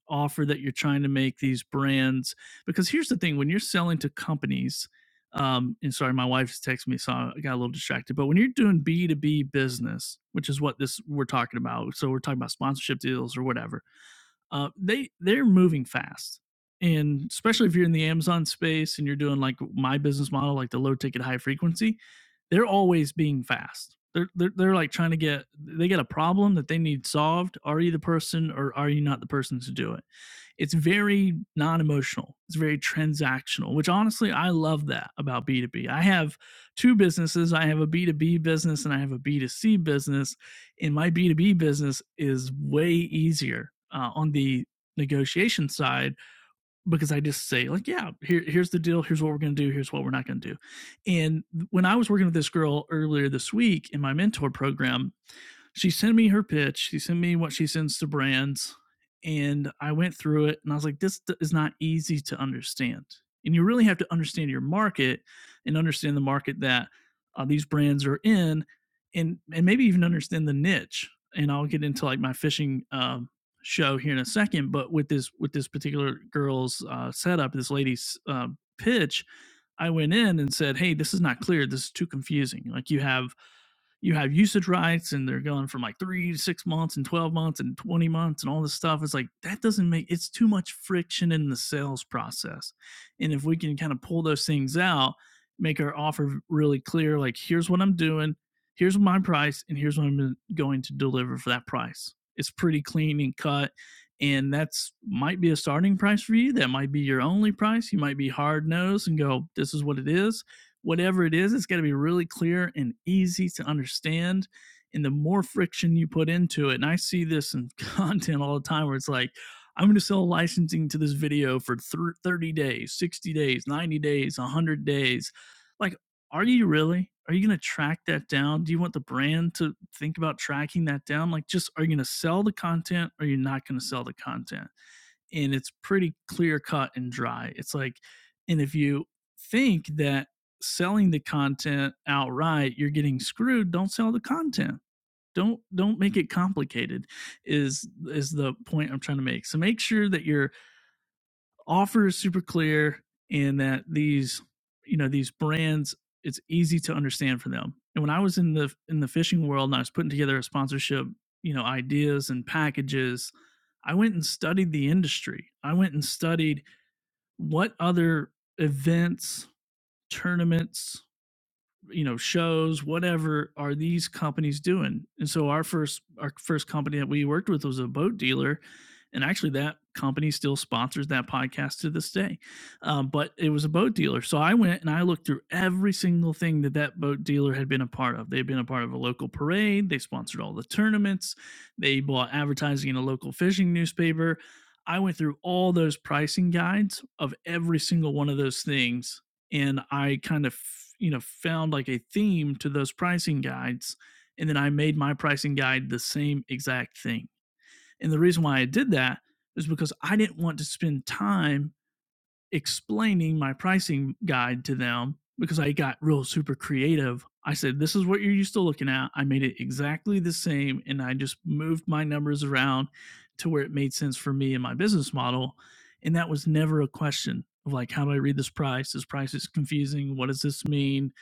Speaker 1: offer that you're trying to make these brands because here's the thing when you're selling to companies um and sorry my wife's texting me so i got a little distracted but when you're doing b2b business which is what this we're talking about so we're talking about sponsorship deals or whatever uh they they're moving fast and especially if you're in the amazon space and you're doing like my business model like the low ticket high frequency they're always being fast they're, they're, they're like trying to get they got a problem that they need solved are you the person or are you not the person to do it it's very non-emotional it's very transactional which honestly i love that about b2b i have two businesses i have a b2b business and i have a b2c business and my b2b business is way easier uh, on the negotiation side because i just say like yeah here, here's the deal here's what we're going to do here's what we're not going to do and when i was working with this girl earlier this week in my mentor program she sent me her pitch. She sent me what she sends to brands. And I went through it and I was like, this is not easy to understand. And you really have to understand your market and understand the market that uh, these brands are in and, and maybe even understand the niche. And I'll get into like my fishing um, show here in a second. But with this, with this particular girl's uh, setup, this lady's uh, pitch, I went in and said, Hey, this is not clear. This is too confusing. Like you have you have usage rights and they're going from like three to six months and 12 months and 20 months and all this stuff. It's like that doesn't make it's too much friction in the sales process. And if we can kind of pull those things out, make our offer really clear like, here's what I'm doing, here's my price, and here's what I'm going to deliver for that price. It's pretty clean and cut. And that's might be a starting price for you. That might be your only price. You might be hard nosed and go, this is what it is whatever it is, it's got to be really clear and easy to understand. And the more friction you put into it, and I see this in content all the time where it's like, I'm going to sell licensing to this video for 30 days, 60 days, 90 days, 100 days. Like, are you really? Are you going to track that down? Do you want the brand to think about tracking that down? Like, just are you going to sell the content or you're not going to sell the content? and it's pretty clear cut and dry. It's like, and if you think that selling the content outright, you're getting screwed, don't sell the content. Don't don't make it complicated is is the point I'm trying to make. So make sure that you're offer is super clear and that these you know these brands it's easy to understand for them and when i was in the in the fishing world and i was putting together a sponsorship you know ideas and packages i went and studied the industry i went and studied what other events tournaments you know, shows, whatever are these companies doing? And so our first our first company that we worked with was a boat dealer, and actually that company still sponsors that podcast to this day. Um, but it was a boat dealer, so I went and I looked through every single thing that that boat dealer had been a part of. They'd been a part of a local parade, they sponsored all the tournaments, they bought advertising in a local fishing newspaper. I went through all those pricing guides of every single one of those things and I kind of, you know, found like a theme to those pricing guides. And then I made my pricing guide the same exact thing. And the reason why I did that is because I didn't want to spend time explaining my pricing guide to them because I got real super creative. I said, This is what you're used to looking at. I made it exactly the same. And I just moved my numbers around to where it made sense for me and my business model. And that was never a question of like, How do I read this price? This price is confusing. What does this mean?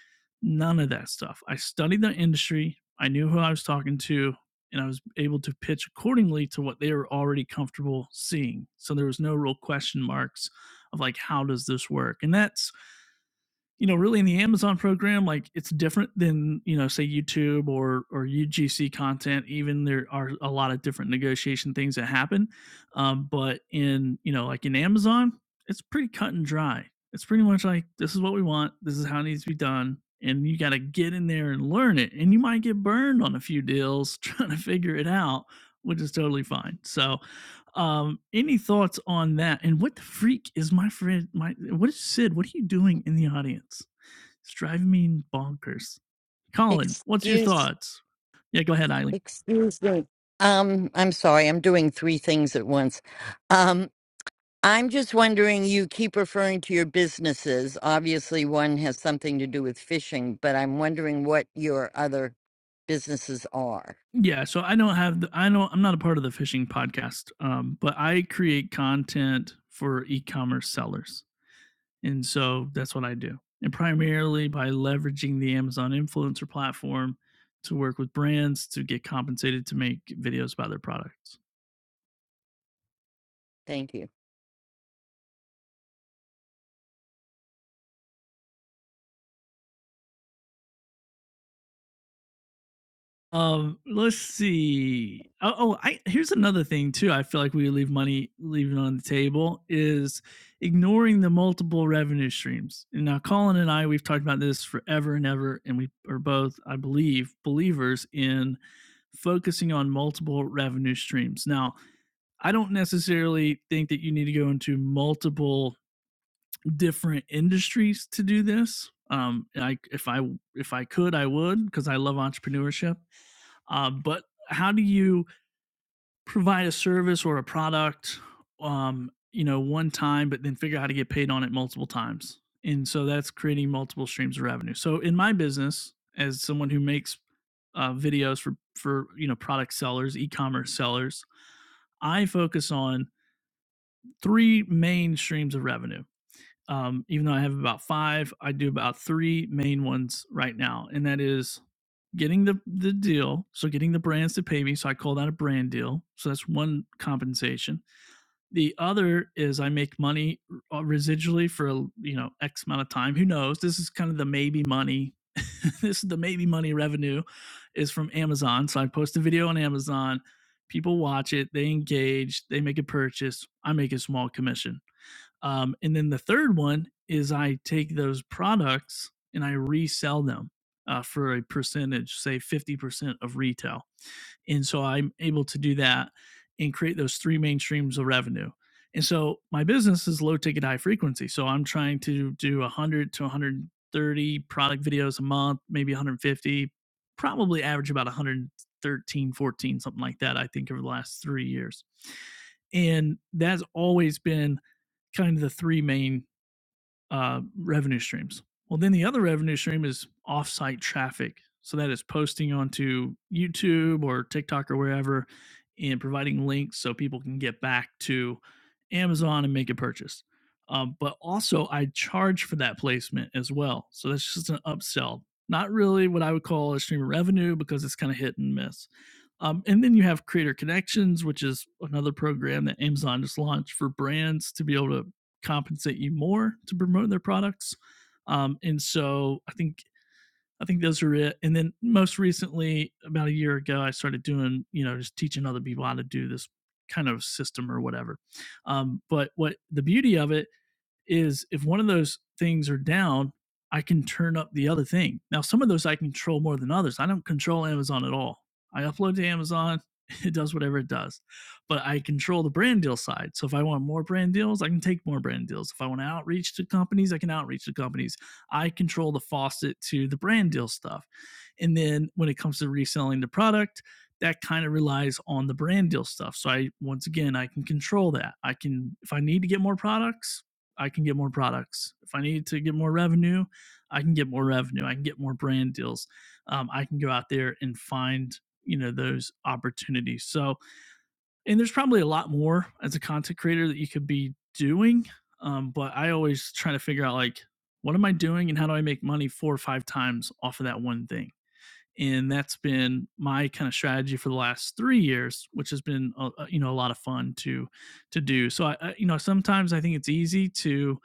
Speaker 1: None of that stuff. I studied the industry, I knew who I was talking to. And I was able to pitch accordingly to what they were already comfortable seeing. So there was no real question marks of like how does this work and that's you know really in the amazon program like it's different than you know say youtube or or ugc content even there are a lot of different negotiation things that happen um, but in you know like in amazon it's pretty cut and dry it's pretty much like this is what we want this is how it needs to be done and you got to get in there and learn it and you might get burned on a few deals trying to figure it out which is totally fine so um, any thoughts on that? And what the freak is my friend? My what is Sid? What are you doing in the audience? It's driving me bonkers. Colin, what's your
Speaker 6: Excuse,
Speaker 1: thoughts? Yeah, go ahead, Eileen.
Speaker 6: excuse me. Um, I'm sorry, I'm doing three things at once. Um, I'm just wondering, you keep referring to your businesses. Obviously, one has something to do with fishing, but I'm wondering what your other businesses are.
Speaker 1: Yeah, so I don't have the, I know I'm not a part of the fishing podcast, um, but I create content for e-commerce sellers, and so that's what I do, and primarily by leveraging the Amazon influencer platform to work with brands to get compensated to make videos about their products.
Speaker 6: Thank you.
Speaker 1: Um, let's see. Oh, oh, I here's another thing too. I feel like we leave money leaving on the table is ignoring the multiple revenue streams. And now Colin and I, we've talked about this forever and ever, and we are both, I believe, believers in focusing on multiple revenue streams. Now, I don't necessarily think that you need to go into multiple different industries to do this. Um, I if I if I could, I would because I love entrepreneurship uh, but how do you provide a service or a product, um, you know, one time, but then figure out how to get paid on it multiple times? And so that's creating multiple streams of revenue. So in my business, as someone who makes uh, videos for for you know product sellers, e-commerce sellers, I focus on three main streams of revenue. Um, even though I have about five, I do about three main ones right now, and that is getting the the deal, so getting the brands to pay me, so I call that a brand deal. So that's one compensation. The other is I make money uh, residually for you know X amount of time. Who knows? This is kind of the maybe money. this is the maybe money revenue is from Amazon. So I post a video on Amazon. People watch it, they engage, they make a purchase. I make a small commission. Um, and then the third one is I take those products and I resell them uh, for a percentage, say 50% of retail. And so I'm able to do that and create those three main streams of revenue. And so my business is low ticket, high frequency. So I'm trying to do 100 to 130 product videos a month, maybe 150, probably average about 113, 14, something like that, I think, over the last three years. And that's always been kind of the three main uh, revenue streams. Well, then the other revenue stream is offsite traffic. So that is posting onto YouTube or TikTok or wherever and providing links so people can get back to Amazon and make a purchase. Um, but also, I charge for that placement as well. So that's just an upsell. Not really what I would call a stream of revenue because it's kind of hit and miss. Um, and then you have Creator Connections, which is another program that Amazon just launched for brands to be able to compensate you more to promote their products. Um, and so I think I think those are it. And then most recently, about a year ago, I started doing you know just teaching other people how to do this kind of system or whatever. Um, but what the beauty of it is if one of those things are down, I can turn up the other thing. Now, some of those I control more than others. I don't control Amazon at all. I upload to Amazon, it does whatever it does, but I control the brand deal side. So if I want more brand deals, I can take more brand deals. If I want to outreach to companies, I can outreach to companies. I control the faucet to the brand deal stuff. And then when it comes to reselling the product, that kind of relies on the brand deal stuff. So I once again I can control that. I can if I need to get more products, I can get more products. If I need to get more revenue, I can get more revenue. I can get more brand deals. Um, I can go out there and find you know those opportunities. So, and there's probably a lot more as a content creator that you could be doing. Um, but I always try to figure out like what am I doing and how do I make money four or five times off of that one thing. And that's been my kind of strategy for the last three years, which has been uh, you know a lot of fun to to do. So I, I you know sometimes I think it's easy to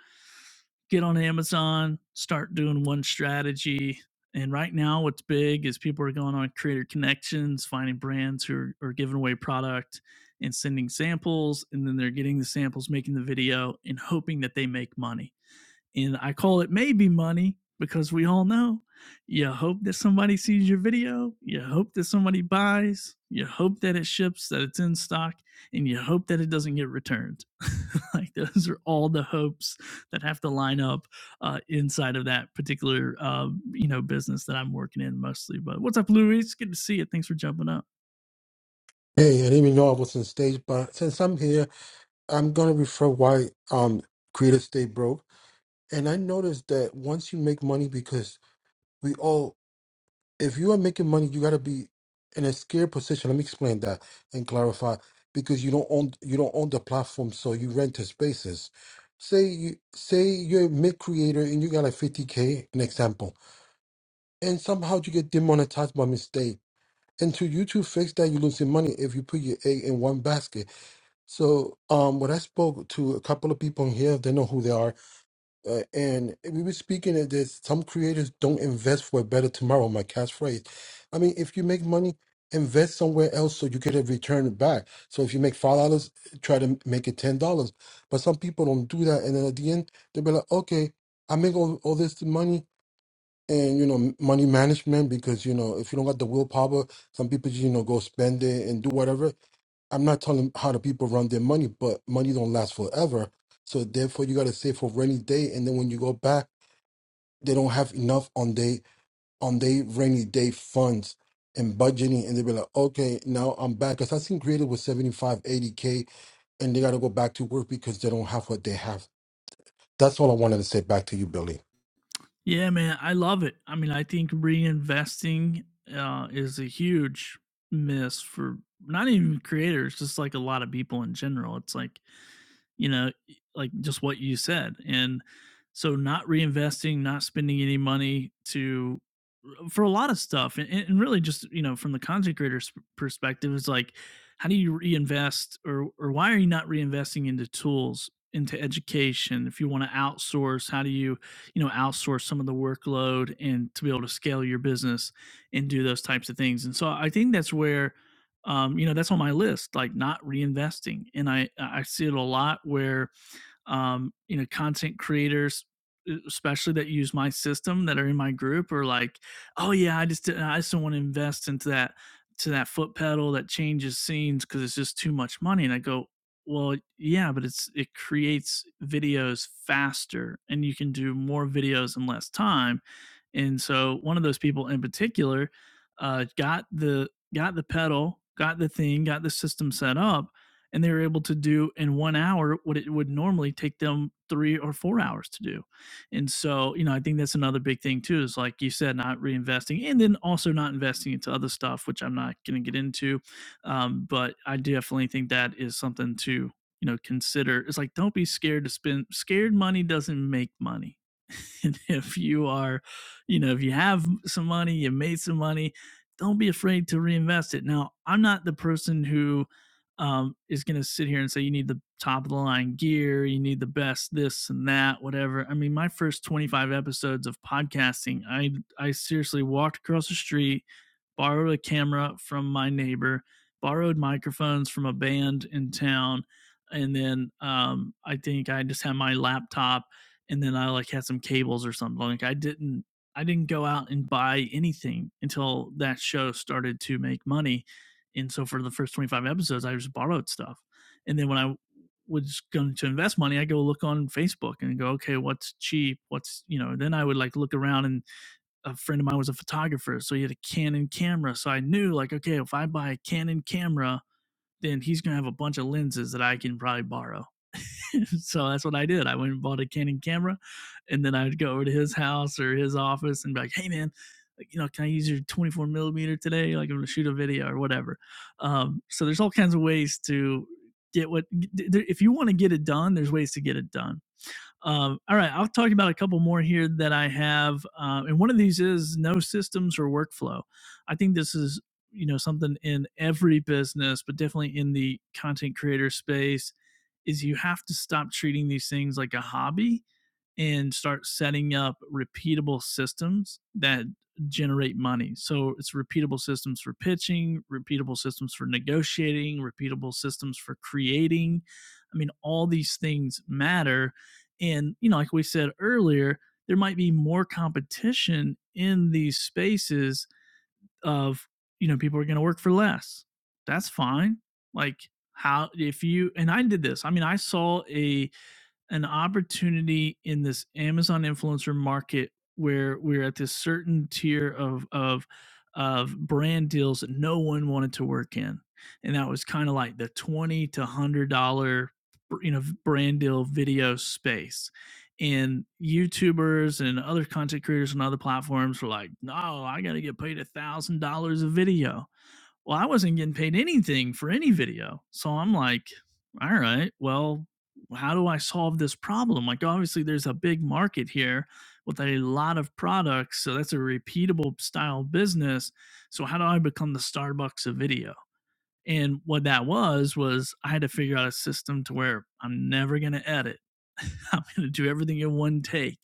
Speaker 1: get on Amazon, start doing one strategy. And right now, what's big is people are going on creator connections, finding brands who are, are giving away product and sending samples. And then they're getting the samples, making the video, and hoping that they make money. And I call it maybe money because we all know you hope that somebody sees your video, you hope that somebody buys, you hope that it ships, that it's in stock, and you hope that it doesn't get returned. like those are all the hopes that have to line up uh, inside of that particular uh, you know business that I'm working in mostly. But what's up, Louis? It's Good to see you. Thanks for jumping up.
Speaker 7: Hey, I didn't even know I was on stage, but since I'm here, I'm gonna refer why um creators stay broke. And I noticed that once you make money, because we all, if you are making money, you gotta be in a scared position. Let me explain that and clarify, because you don't own you don't own the platform, so you rent the spaces. Say you say you're a mid creator and you got like 50k, an example, and somehow you get demonetized by mistake. And to YouTube fix that, you're losing money if you put your egg in one basket So, um, when I spoke to a couple of people in here, they know who they are, uh, and we were speaking of this. Some creators don't invest for a better tomorrow. My catchphrase. I mean, if you make money, invest somewhere else so you get a return back. So if you make five dollars, try to make it ten dollars. But some people don't do that, and then at the end, they'll be like, "Okay, I make all, all this money." And you know m- money management because you know if you don't got the willpower, some people you know go spend it and do whatever I'm not telling how the people run their money, but money don't last forever. So therefore, you got to save for rainy day, and then when you go back, they don't have enough on they on they rainy day funds and budgeting, and they be like, okay, now I'm back. Cause I seen creative with 75 80 k, and they got to go back to work because they don't have what they have. That's all I wanted to say back to you, Billy.
Speaker 1: Yeah, man, I love it. I mean, I think reinvesting uh, is a huge miss for not even creators, just like a lot of people in general. It's like, you know, y- like just what you said. And so, not reinvesting, not spending any money to for a lot of stuff and, and really just you know from the content creator's perspective it's like how do you reinvest or or why are you not reinvesting into tools into education if you want to outsource how do you you know outsource some of the workload and to be able to scale your business and do those types of things and so i think that's where um, you know that's on my list like not reinvesting and i i see it a lot where um, you know, content creators, e- especially that use my system that are in my group are like, oh yeah, I just didn't, I just don't want to invest into that to that foot pedal that changes scenes because it's just too much money. And I go, well, yeah, but it's it creates videos faster and you can do more videos in less time. And so one of those people in particular uh, got the got the pedal, got the thing, got the system set up, and they were able to do in one hour what it would normally take them three or four hours to do. And so, you know, I think that's another big thing too, is like you said, not reinvesting and then also not investing into other stuff, which I'm not going to get into. Um, but I definitely think that is something to, you know, consider. It's like, don't be scared to spend, scared money doesn't make money. And if you are, you know, if you have some money, you made some money, don't be afraid to reinvest it. Now, I'm not the person who um, is going to sit here and say you need the top of the line gear, you need the best this and that, whatever. I mean, my first 25 episodes of podcasting, I I seriously walked across the street, borrowed a camera from my neighbor, borrowed microphones from a band in town, and then um, I think I just had my laptop and then I like had some cables or something. Like I didn't I didn't go out and buy anything until that show started to make money. And so for the first 25 episodes, I just borrowed stuff. And then when I was going to invest money, I go look on Facebook and go, okay, what's cheap? What's, you know, then I would like look around and a friend of mine was a photographer. So he had a Canon camera. So I knew like, okay, if I buy a Canon camera, then he's gonna have a bunch of lenses that I can probably borrow. so that's what I did. I went and bought a Canon camera, and then I'd go over to his house or his office and be like, "Hey, man." Like, you know, can I use your 24 millimeter today? Like, I'm gonna shoot a video or whatever. Um, so there's all kinds of ways to get what. If you want to get it done, there's ways to get it done. Um, all right, I'll talk about a couple more here that I have, um, and one of these is no systems or workflow. I think this is you know something in every business, but definitely in the content creator space, is you have to stop treating these things like a hobby and start setting up repeatable systems that generate money. So it's repeatable systems for pitching, repeatable systems for negotiating, repeatable systems for creating. I mean, all these things matter. And, you know, like we said earlier, there might be more competition in these spaces of, you know, people are going to work for less. That's fine. Like, how, if you, and I did this, I mean, I saw a, an opportunity in this Amazon influencer market where we're at this certain tier of of of brand deals that no one wanted to work in, and that was kind of like the twenty to hundred dollar you know brand deal video space. And YouTubers and other content creators on other platforms were like, "No, I got to get paid a thousand dollars a video," Well, I wasn't getting paid anything for any video. So I'm like, all right, well, how do I solve this problem? Like, obviously, there's a big market here with a lot of products. So that's a repeatable style business. So, how do I become the Starbucks of video? And what that was was I had to figure out a system to where I'm never going to edit. I'm going to do everything in one take.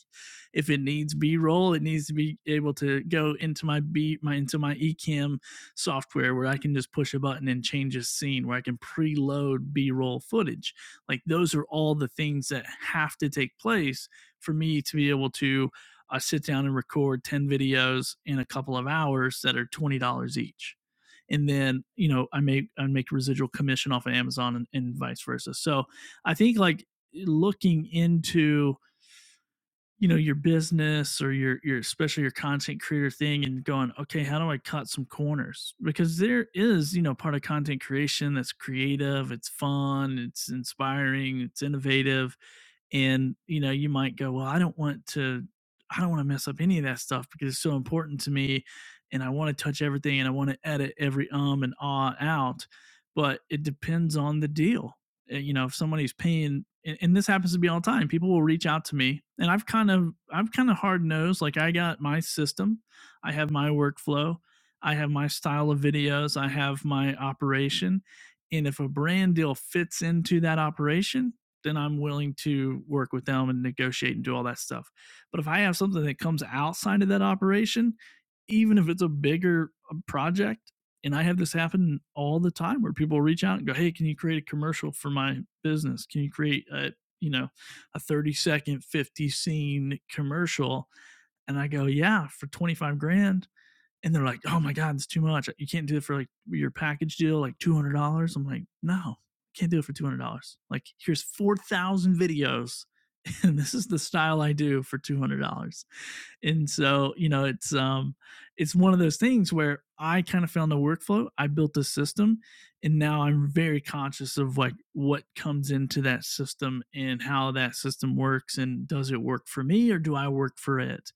Speaker 1: If it needs B-roll, it needs to be able to go into my B my into my eCam software where I can just push a button and change a scene where I can preload B-roll footage. Like those are all the things that have to take place for me to be able to uh, sit down and record 10 videos in a couple of hours that are $20 each and then you know I make I make residual commission off of Amazon and, and vice versa. So I think like looking into you know your business or your your especially your content creator thing and going okay how do i cut some corners because there is you know part of content creation that's creative it's fun it's inspiring it's innovative and you know you might go well i don't want to i don't want to mess up any of that stuff because it's so important to me and i want to touch everything and i want to edit every um and ah out but it depends on the deal Uh, you know if somebody's paying and, and this happens to be all the time people will reach out to me and i've kind of i've kind of hard nosed like i got my system i have my workflow i have my style of videos i have my operation and if a brand deal fits into that operation then I'm willing to work with them and negotiate and do all that stuff. But if I have something that comes outside of that operation, even if it's a bigger uh, project, and I have this happen all the time where people reach out and go, "Hey, can you create a commercial for my business? Can you create a, you know, a 30 second 50 scene commercial?" And I go, "Yeah, for 25 grand." and they're like, "Oh my god, it's too much. You can't do it for like your package deal, like two hundred dollars." I'm like, "No, can't do it for two hundred dollars. Like, here's four thousand videos, and this is the style I do for two hundred dollars." And so, you know, it's um, it's one of those things where I kind of found the workflow. I built the system, and now I'm very conscious of like what comes into that system and how that system works, and does it work for me or do I work for it?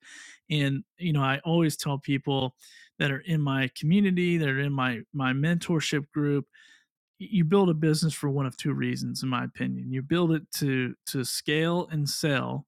Speaker 1: And you know, I always tell people that are in my community, that are in my my mentorship group. You build a business for one of two reasons, in my opinion. You build it to to scale and sell,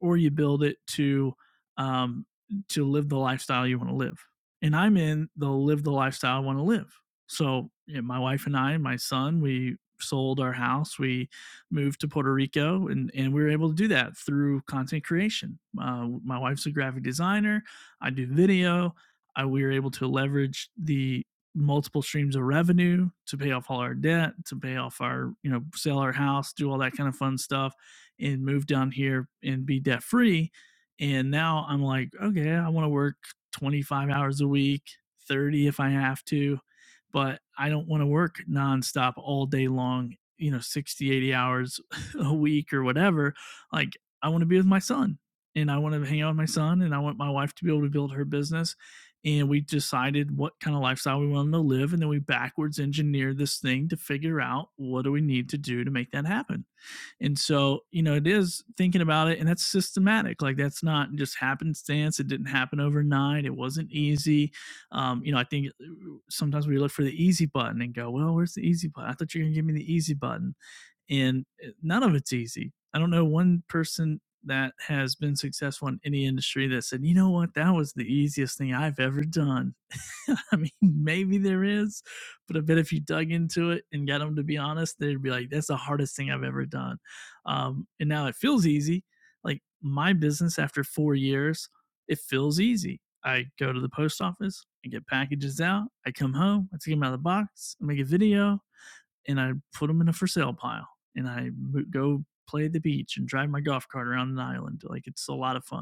Speaker 1: or you build it to um, to live the lifestyle you want to live. And I'm in the live the lifestyle I want to live. So you know, my wife and I, my son, we sold our house. We moved to Puerto Rico, and and we were able to do that through content creation. Uh, my wife's a graphic designer. I do video. I, we were able to leverage the multiple streams of revenue to pay off all our debt, to pay off our you know sell our house, do all that kind of fun stuff and move down here and be debt free. And now I'm like, okay, I want to work 25 hours a week, 30 if I have to, but I don't want to work nonstop all day long, you know, 60, 80 hours a week or whatever. Like, I want to be with my son and I want to hang out with my son and I want my wife to be able to build her business. And we decided what kind of lifestyle we wanted to live. And then we backwards engineered this thing to figure out what do we need to do to make that happen. And so, you know, it is thinking about it, and that's systematic. Like that's not just happenstance. It didn't happen overnight. It wasn't easy. Um, you know, I think uh, sometimes we look for the easy button and go, "Well, where's the easy button? I thought you were gonna give me the easy button." And uh, none of it's easy. I don't know one person that has been successful in any industry that said, "You know what? That was the easiest thing I've ever done." I mean, maybe there is, but I bet if you dug into it and got them to be honest, they'd be like, that's the hardest thing I've ever done. Um, and now it feels easy. Like my business after four years, it feels easy. I go to the post office, and get packages out, I come home, I take them out of the box, I make a video, and I put them in a for sale pile. And I go play at the beach and drive my golf cart around an island. Like it's a lot of fun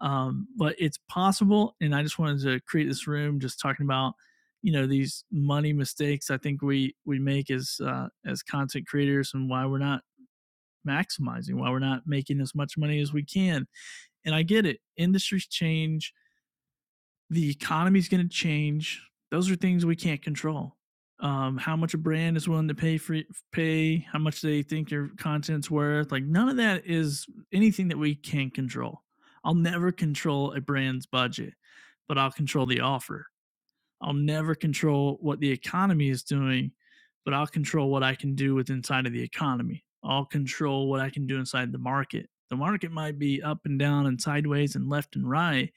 Speaker 1: um, but it's possible. And I just wanted to create this room just talking about you know these money mistakes I think we we make as uh, as content creators and why we're not maximizing, why we're not making as much money as we can. And I get it. Industries change the economy's going to change. Those are things we can't control. Um, how much a brand is willing to pay for pay, how much they think your content's worth, like none of that is anything that we can control. I'll never control a brand's budget, but I'll control the offer. I'll never control what the economy is doing, but I'll control what I can do with inside of the economy. I'll control what I can do inside the market. The market might be up and down and sideways and left and right,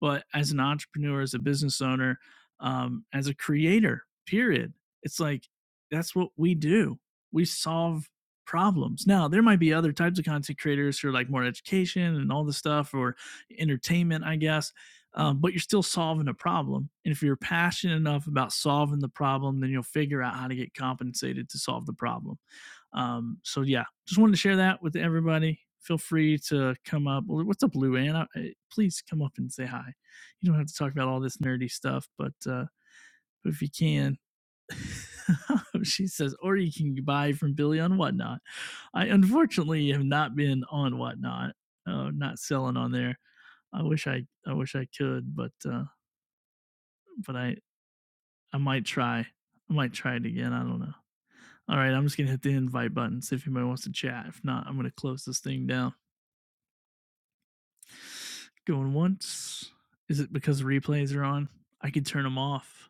Speaker 1: but as an entrepreneur, as a business owner, um, as a creator, period, it's like that's what we do. We solve problems. Now, there might be other types of content creators who are like more education and all this stuff or entertainment, I guess, um, but you're still solving a problem. And if you're passionate enough about solving the problem, then you'll figure out how to get compensated to solve the problem. Um, so yeah, just wanted to share that with everybody. Feel free to come up. Well, What's up, Lou Ann? Please come up and say hi. You don't have to talk about all this nerdy stuff, but uh, if you can, she says, or you can buy from Billy on Whatnot. I unfortunately have not been on Whatnot, uh, not selling on there. I wish I, I wish I could, but uh, but I, I might try. I might try it again. I don't know. All right, I'm just gonna hit the invite button. See if anybody wants to chat. If not, I'm gonna close this thing down. Going once. Is it because replays are on? I could turn them off.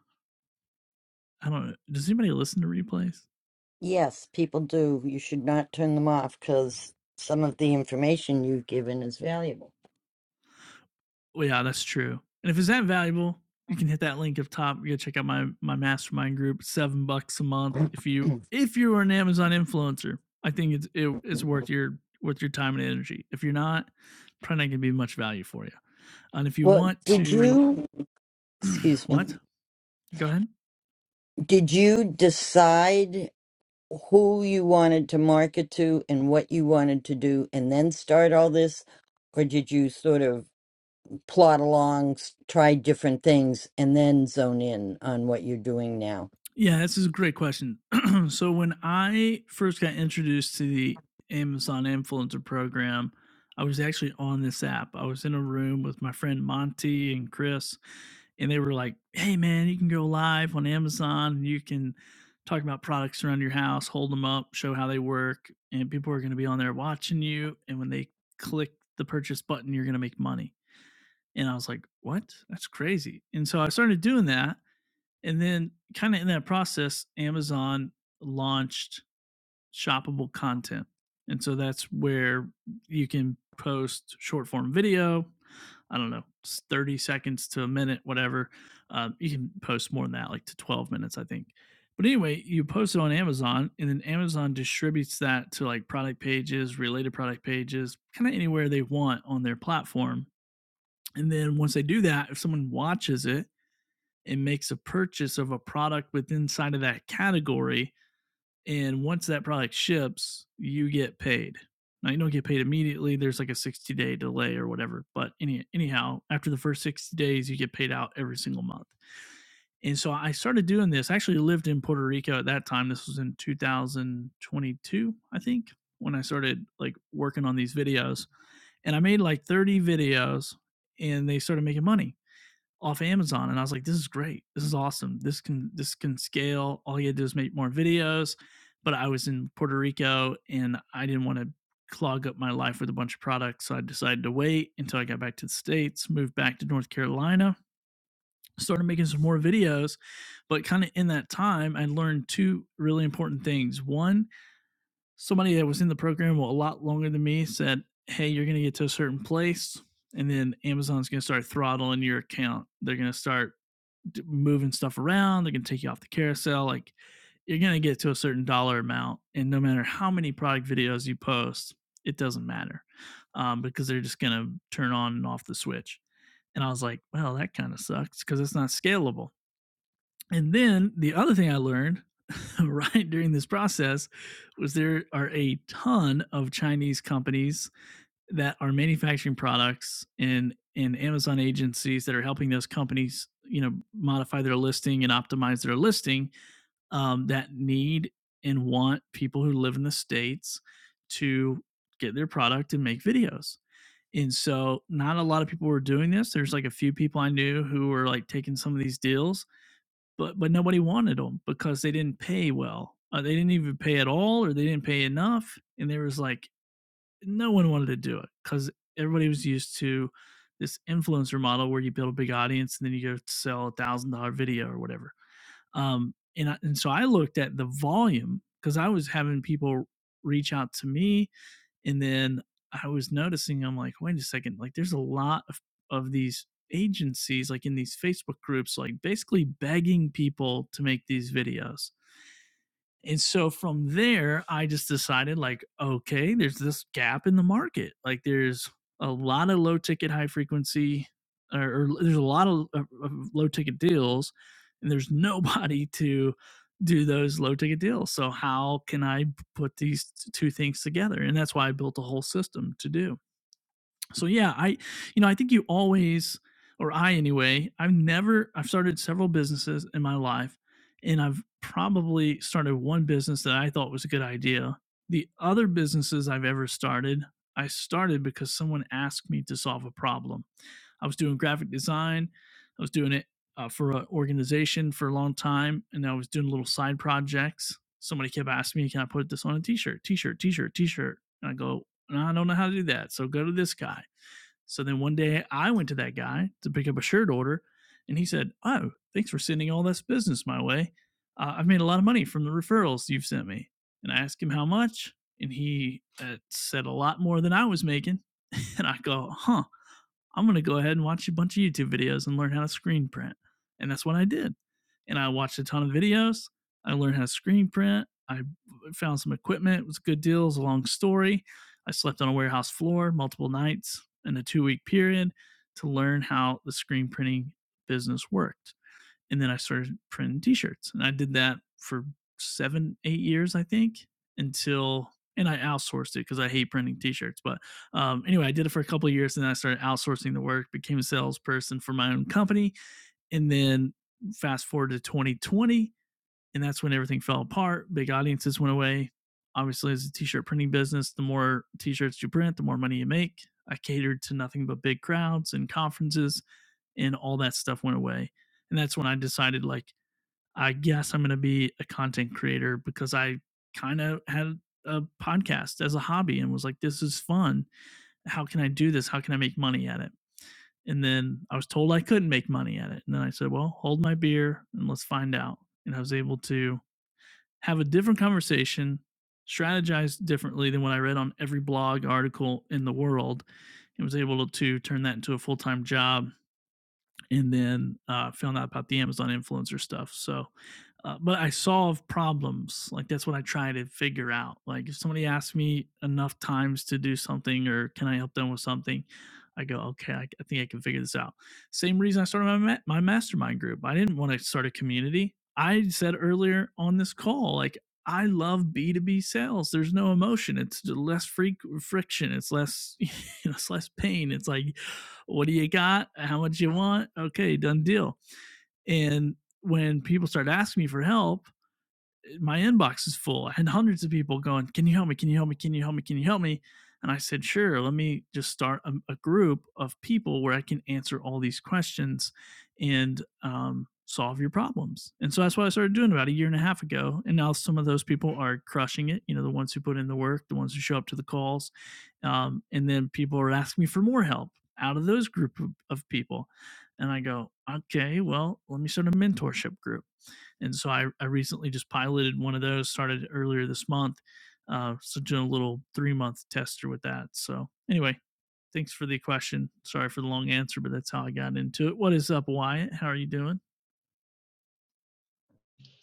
Speaker 1: I don't know. Does anybody listen to replays?
Speaker 6: Yes, people do. You should not turn them off because some of the information you've given is valuable.
Speaker 1: Well, yeah, that's true. And if it's that valuable, you can hit that link up top. You go check out my my mastermind group. Seven bucks a month. If you if you are an Amazon influencer, I think it's it, it's worth your worth your time and energy. If you're not, probably not gonna be much value for you. And if you
Speaker 6: Well,
Speaker 1: want
Speaker 6: did
Speaker 1: to,
Speaker 6: you, excuse
Speaker 1: what?
Speaker 6: me,
Speaker 1: Go ahead.
Speaker 6: did you decide? who you wanted to market to and what you wanted to do and then start all this? Or did you sort of plot along, s- try different things, and then zone in on what you're doing now?
Speaker 1: Yeah, this is a great question. so when I first got introduced to the Amazon influencer program, I was actually on this app. I was in a room with my friend Monty and Chris, and they were like, "Hey, man, you can go live on Amazon. and You can talk about products around your house, hold them up, show how they work, and people are going to be on there watching you. And when they click the purchase button, you're going to make money." And I was like, "What? That's crazy!" And so I started doing that and then kind of in that process, Amazon launched shoppable content. And so that's where you can post short form video. I don't know, 30 seconds to a minute, whatever. Um, you can post more than that, like to 12 minutes, I think. But anyway, you post it on Amazon, and then Amazon distributes that to like product pages, related product pages, kind of anywhere they want on their platform. And then once they do that, if someone watches it, and makes a purchase of a product within inside of that category. And once that product ships, you get paid. Now you don't get paid immediately. There's like a 60 day delay or whatever. But any anyhow, after the first 60 days, you get paid out every single month. And so I started doing this. I actually lived in Puerto Rico at that time. This was in 2022, I think, when I started like working on these videos. And I made like 30 videos and they started making money off Amazon, and I was like, "This is great. This is awesome. This can this can scale. All you had to do is make more videos." But I was in Puerto Rico, and I didn't want to clog up my life with a bunch of products, so I decided to wait until I got back to the states, moved back to North Carolina, started making some more videos. But kind of in that time, I learned two really important things. One, somebody that was in the program a lot longer than me said, "Hey, you're going to get to a certain place." And then Amazon's going to start throttling your account. They're going to start moving stuff around. They're going to take you off the carousel. Like you're going to get to a certain dollar amount. And no matter how many product videos you post, it doesn't matter um, because they're just going to turn on and off the switch. And I was like, well, that kind of sucks because it's not scalable. And then the other thing I learned right during this process was there are a ton of Chinese companies that are manufacturing products and and Amazon agencies that are helping those companies, you know, modify their listing and optimize their listing um, that need and want people who live in the states to get their product and make videos. And so, not a lot of people were doing this. There's like a few people I knew who were like taking some of these deals, but but nobody wanted them because they didn't pay well. Uh, they didn't even pay at all, or they didn't pay enough. And there was like no one wanted to do it because everybody was used to this influencer model where you build a big audience and then you go sell a thousand dollar video or whatever. Um, and I, and so I looked at the volume because I was having people reach out to me, and then I was noticing I'm like, wait a second, like there's a lot of of these agencies like in these Facebook groups, like basically begging people to make these videos and so from there, I just decided, like, okay, there's this gap in the market. Like, there's a lot of low ticket, high frequency, or, or there's a lot of, of low ticket deals, and there's nobody to do those low ticket deals. So, how can I put these two things together? And that's why I built a whole system to do. So yeah, I you know, I think you always or I anyway, I've never I've started several businesses in my life and I've probably started one business that I thought was a good idea. The other businesses I've ever started, I started because someone asked me to solve a problem. I was doing graphic design. I was doing it uh, for an organization for a long time, and I was doing little side projects. Somebody kept asking me, "Can I put this on a T-shirt? T-shirt? T-shirt? T-shirt?" And I go, "No, "I don't know how to do that." So go to this guy so then one day I went to that guy to pick up a shirt order, and he said, "Oh, thanks for sending all this business my way. Uh, I've made a lot of money from the referrals you've sent me." And I asked him how much, and he uh, said a lot more than I was making. And I go, "Huh." I'm gonna go ahead and watch a bunch of YouTube videos and learn how to screen print. And that's what I did. And I watched a ton of videos. I learned how to screen print. I found some equipment. It was a good deal. It was a long story. I slept on a warehouse floor multiple nights in a two week period to learn how the screen printing business worked and then I started printing T-shirts, and I did that for seven, eight years, I think, until and I outsourced it because I hate printing T-shirts. But um, anyway, I did it for a couple of years, and then I started outsourcing the work, became a salesperson for my own company, and then fast forward to 2020, and that's when everything fell apart. Big audiences went away. Obviously, as a t-shirt printing business, the more t-shirts you print, the more money you make. I catered to nothing but big crowds and conferences, and all that stuff went away. And that's when I decided, like, I guess I'm going to be a content creator because I kind of had a podcast as a hobby and was like, this is fun. How can I do this? How can I make money at it? And then I was told I couldn't make money at it. And then I said, well, hold my beer and let's find out. And I was able to have a different conversation, strategize differently than what I read on every blog article in the world, and was able to turn that into a full time job and then uh, found out about the Amazon influencer stuff. So, uh, but I solve problems. Like that's what I try to figure out. Like if somebody asks me enough times to do something or can I help them with something, I go, okay, I, I think I can figure this out. Same reason I started my ma- my mastermind group. I didn't want to start a community. I said earlier on this call, like I love B two B sales. There's no emotion. It's less freak friction. It's less, you know, it's less pain. It's like what do you got? How much you want? Okay, done deal. And when people started asking me for help, my inbox is full. I had hundreds of people going, "Can you help me? Can you help me? Can you help me? Can you help me?" And I said, "Sure. Let me just start a, a group of people where I can answer all these questions and um, solve your problems." And so that's what I started doing about a year and a half ago. And now some of those people are crushing it. You know, the ones who put in the work, the ones who show up to the calls, um, and then people are asking me for more help out of those group of, of people. And I go, "Okay, well, let me start a mentorship group." And so I, I recently just piloted one of those, started earlier this month. Uh, so doing a little three month tester with that. So anyway, thanks for the question. Sorry for the long answer, but that's how I got into it. What is up, Wyatt? How are you doing?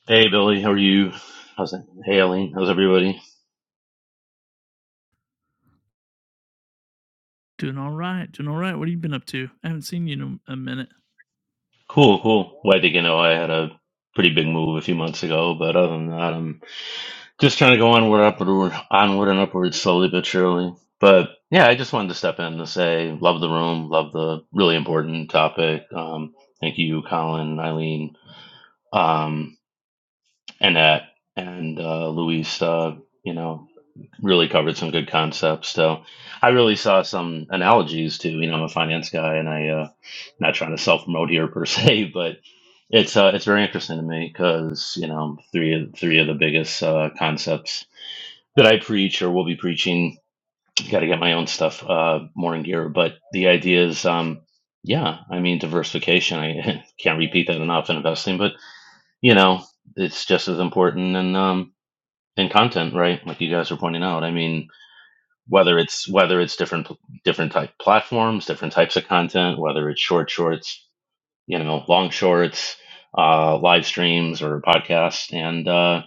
Speaker 8: Hey Billy, how are you? How's it? Hey Eileen, how's everybody?
Speaker 1: Doing all right. Doing all right. What have you been up to? I haven't seen you in a, minute.
Speaker 8: Cool, cool. Well, I think you know, I had a pretty big move a few months ago, but other than that, I'm just trying to go onward, upward, onward and upward slowly but surely. But yeah, I just wanted to step in to say, love the room, love the really important topic. Um, thank you, Colin, Eileen, um, Annette, and uh, Luis. Uh, you know, really covered some good concepts. So I really saw some analogies to, you know, I'm a finance guy and I. uh, not trying to self promote here per se, but it's uh, it's very interesting to me because you know three of three of the biggest uh, concepts that I preach or will be preaching. Got to get my own stuff uh, more in gear, but the idea is, um, yeah, I mean diversification. I can't repeat that enough in investing, but you know it's just as important in um, in content, right? Like you guys are pointing out. I mean whether it's whether it's different different type platforms, different types of content, whether it's short shorts you know, long shorts, uh, live streams or podcasts and, uh,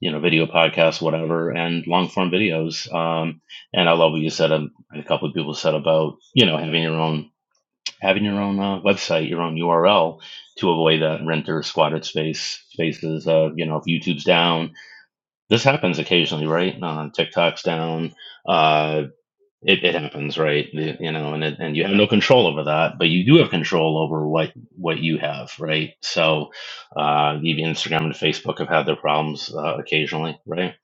Speaker 8: you know, video podcasts, whatever, and long form videos. Um, and I love what you said, um, and a couple of people said about, you know, having your own, having your own uh, website, your own URL to avoid that renter squatted space spaces. Uh, you know, if YouTube's down, this happens occasionally, right? Uh, TikTok's down, uh, it, it happens, right? The- You know, and it, and you have no control over that, but you do have control over what what you have, right? So, uh, even Instagram and Facebook have had their problems uh, occasionally, right?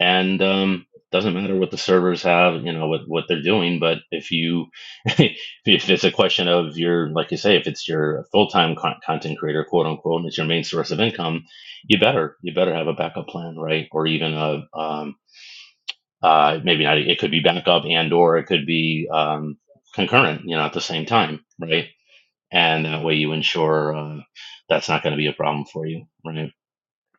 Speaker 8: And um, doesn't matter what the servers have, you know, what what they're doing, but if you if it's a question of your, like you say, if it's your full time con- content creator, quote unquote, and it's your main source of income, you better you better have a backup plan, right? Or even a um, uh, maybe not, it could be backup and or it could be um, concurrent, you know, at the same time, right? And that way you ensure uh, that's not going to be a problem for you, right?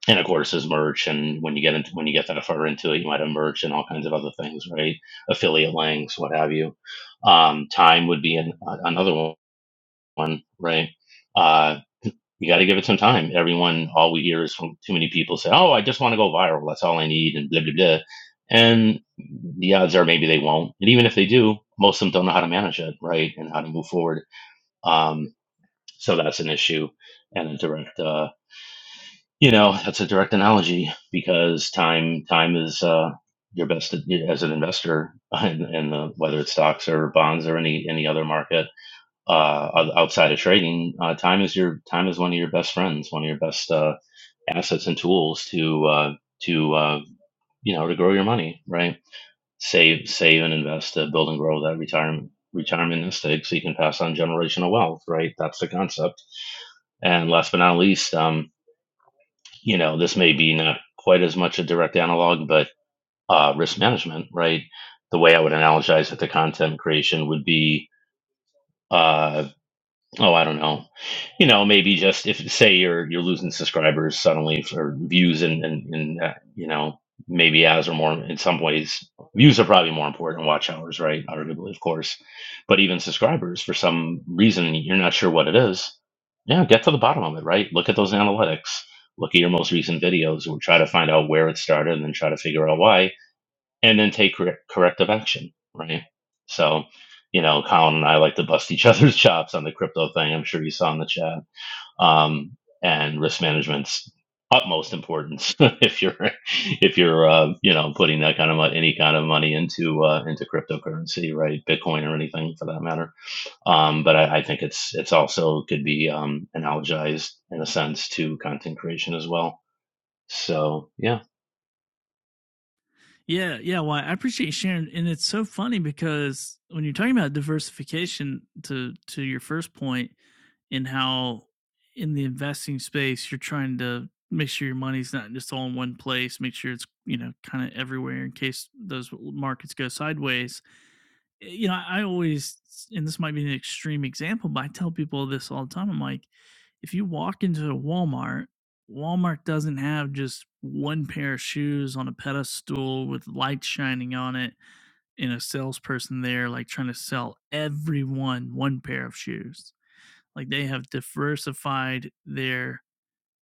Speaker 8: And of course, there's merch, and when you get into when you get that far into it, you might have merch and all kinds of other things, right? Affiliate links, what have you. Um, time would be an, another one, right? Uh, you got to give it some time. Everyone, all we hear is from too many people say, "Oh, I just want to go viral. That's all I need," and blah blah blah. And the odds are maybe they won't. And even if they do, most of them don't know how to manage it, right, and how to move forward. Um, so that's an issue and a direct, uh, you know, that's a direct analogy because time, time is uh, your best as an investor, and, and uh, whether it's stocks or bonds or any any other market uh, outside of trading, uh, time is your time is one of your best friends, one of your best. Uh, assets and tools to uh, to uh, you know to grow your money, right? Save, save, and invest to build and grow that retirement retirement estate so you can pass on generational wealth, right? That's the concept. And last but not least, um, you know, this may be not quite as much a direct analog, but uh, risk management, right? The way I would analogize it to content creation would be uh, oh i don't know you know maybe just if say you're you're losing subscribers suddenly for views and and, and uh, you know maybe ads are more in some ways views are probably more important than watch hours right arguably of course but even subscribers for some reason you're not sure what it is yeah get to the bottom of it right look at those analytics look at your most recent videos or try to find out where it started and then try to figure out why and then take correct corrective action, right? So, you know, Colin and I like to bust each other's chops on the crypto thing. I'm sure you saw in the chat. Um, and risk management's utmost importance if you're if you're uh, you know putting that kind of mo- any kind of money into uh, into cryptocurrency, right? Bitcoin or anything for that matter. Um, but I, I think it's it's also could be um, analogized in a sense to content creation as well. So yeah,
Speaker 1: Yeah, yeah. Well, I appreciate you sharing, and it's so funny because when you're talking about diversification, to to your first point, and how in the investing space you're trying to make sure your money's not just all in one place make sure it's you know kind of everywhere in case those markets go sideways Eh, you know i always and this might be an extreme example but i tell people this all the time i'm like if you walk into a walmart walmart doesn't have just one pair of shoes on a pedestal with light shining on it and a salesperson there like trying to sell everyone one pair of shoes like they have diversified their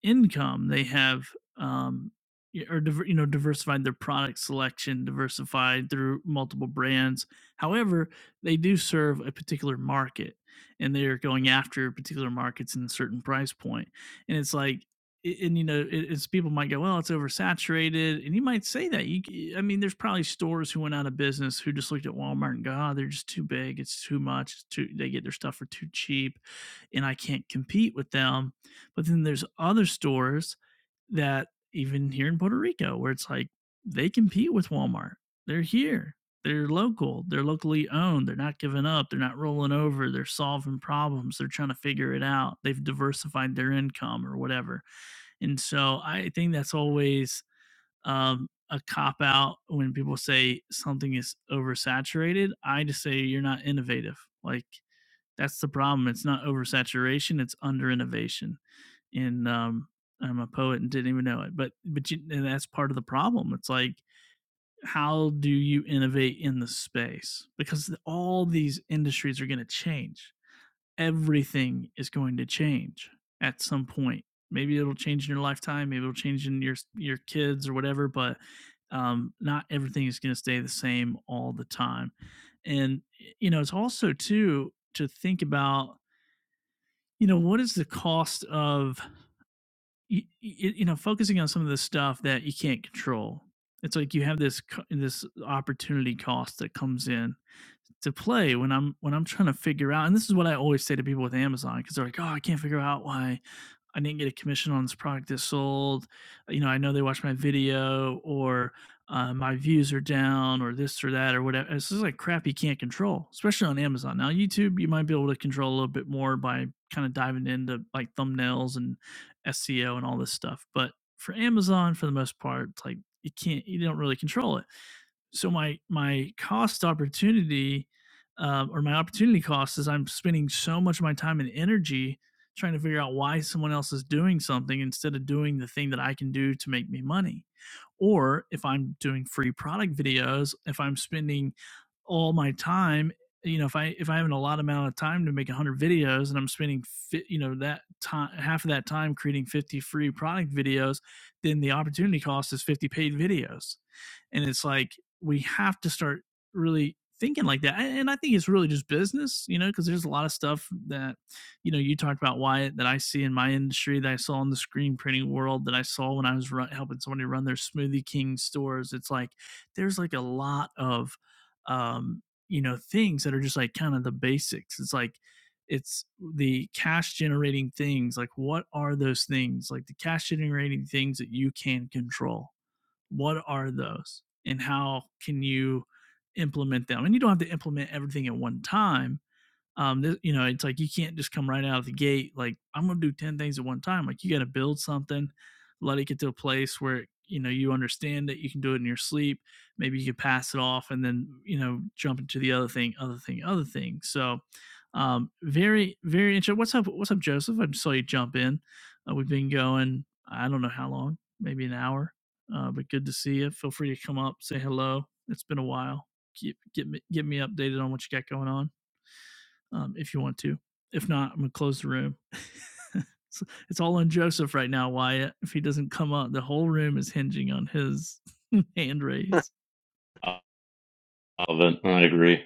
Speaker 1: income, they have um y- or diver, you know diversified their product selection, diversified through multiple brands. However, they do serve a particular market, and they are going after particular markets in a certain price point. And it's like, i- and you know, it, it's people might go, well, it's oversaturated, and you might say that. You, c- I mean, there's probably stores who went out of business who just looked at Walmart and go, oh, they're just too big, it's too much, it's too. They get their stuff for too cheap, and I can't compete with them but then there's other stores that even here in Puerto Rico where it's like they compete with Walmart. They're here. They're local. They're locally owned. They're not giving up. They're not rolling over. They're solving problems. They're trying to figure it out. They've diversified their income or whatever. And so I think that's always um, a cop out when people say something is oversaturated. I just say you're not innovative. Like that's the problem. It's not oversaturation, it's under innovation and um, I'm a poet and didn't even know it. But but you, and that's part of the problem. It's like how do you innovate in the space because all these industries are going to change. Everything is going to change at some point. Maybe it'll change in your lifetime. Maybe it'll change in your your kids or whatever. But um, not everything is going to stay the same all the time. And you know, it's also too to think about you know what is the cost of you, you, know, focusing on some of the stuff that you can't control. It's like you have this co- this opportunity cost that comes in to play when I'm when I'm trying to figure out. And this is what I always say to people with Amazon because they're like, "Oh, I can't figure out why I didn't get a commission on this product that sold. You know, I know they watched my video, or uh, my views are down, or this or that, or whatever. This is like crap you can't control, especially on Amazon. Now, YouTube, you might be able to control a little bit more by kind of diving into like thumbnails and SEO and all this stuff. But for Amazon, for the most part, it's like you can't, you don't really control it so my my cost opportunity um, or my opportunity cost is I'm spending so much of my time and energy trying to figure out why someone else is doing something instead of doing the thing that I can do to make me money. Or if I'm doing free product videos, if I'm spending all my time, you know, if I if I have a lot amount of time to make 100 videos and I'm spending fi- you know that time half of that time creating 50 free product videos, then the opportunity cost is 50 paid videos. And it's like we have to start really thinking like that. And I think it's really just business, you know, because there's a lot of stuff that, you know, you talked about Wyatt that I see in my industry that I saw in the screen printing world that I saw when I was run, helping somebody run their Smoothie King stores. It's like there's like a lot of, um, you know, things that are just like kind of the basics. It's like, it's the cash generating things like what are those things like the cash generating things that you can control what are those and how can you implement them and you don't have to implement everything at one time um, th- you know, it's like you can't just come right out of the gate. Like I'm gonna do ten things at one time. Like you got to build something, let it get to a place where you know you understand that you can do it in your sleep. Maybe you can pass it off, and then you know jump into the other thing, other thing, other thing. So, um, very, very interesting. What's up? What's up, Joseph? I just saw you jump in. Uh, we've been going. I don't know how long, maybe an hour. Uh, but good to see you. Feel free to come up, say hello. It's been a while. Keep get me get me updated on what you got going on um, if you want to. If not, I'm gonna close the room. it's, it's all on Joseph right now, Wyatt. If he doesn't come up, the whole room is hinging on his hand raise.
Speaker 8: I love it. I agree.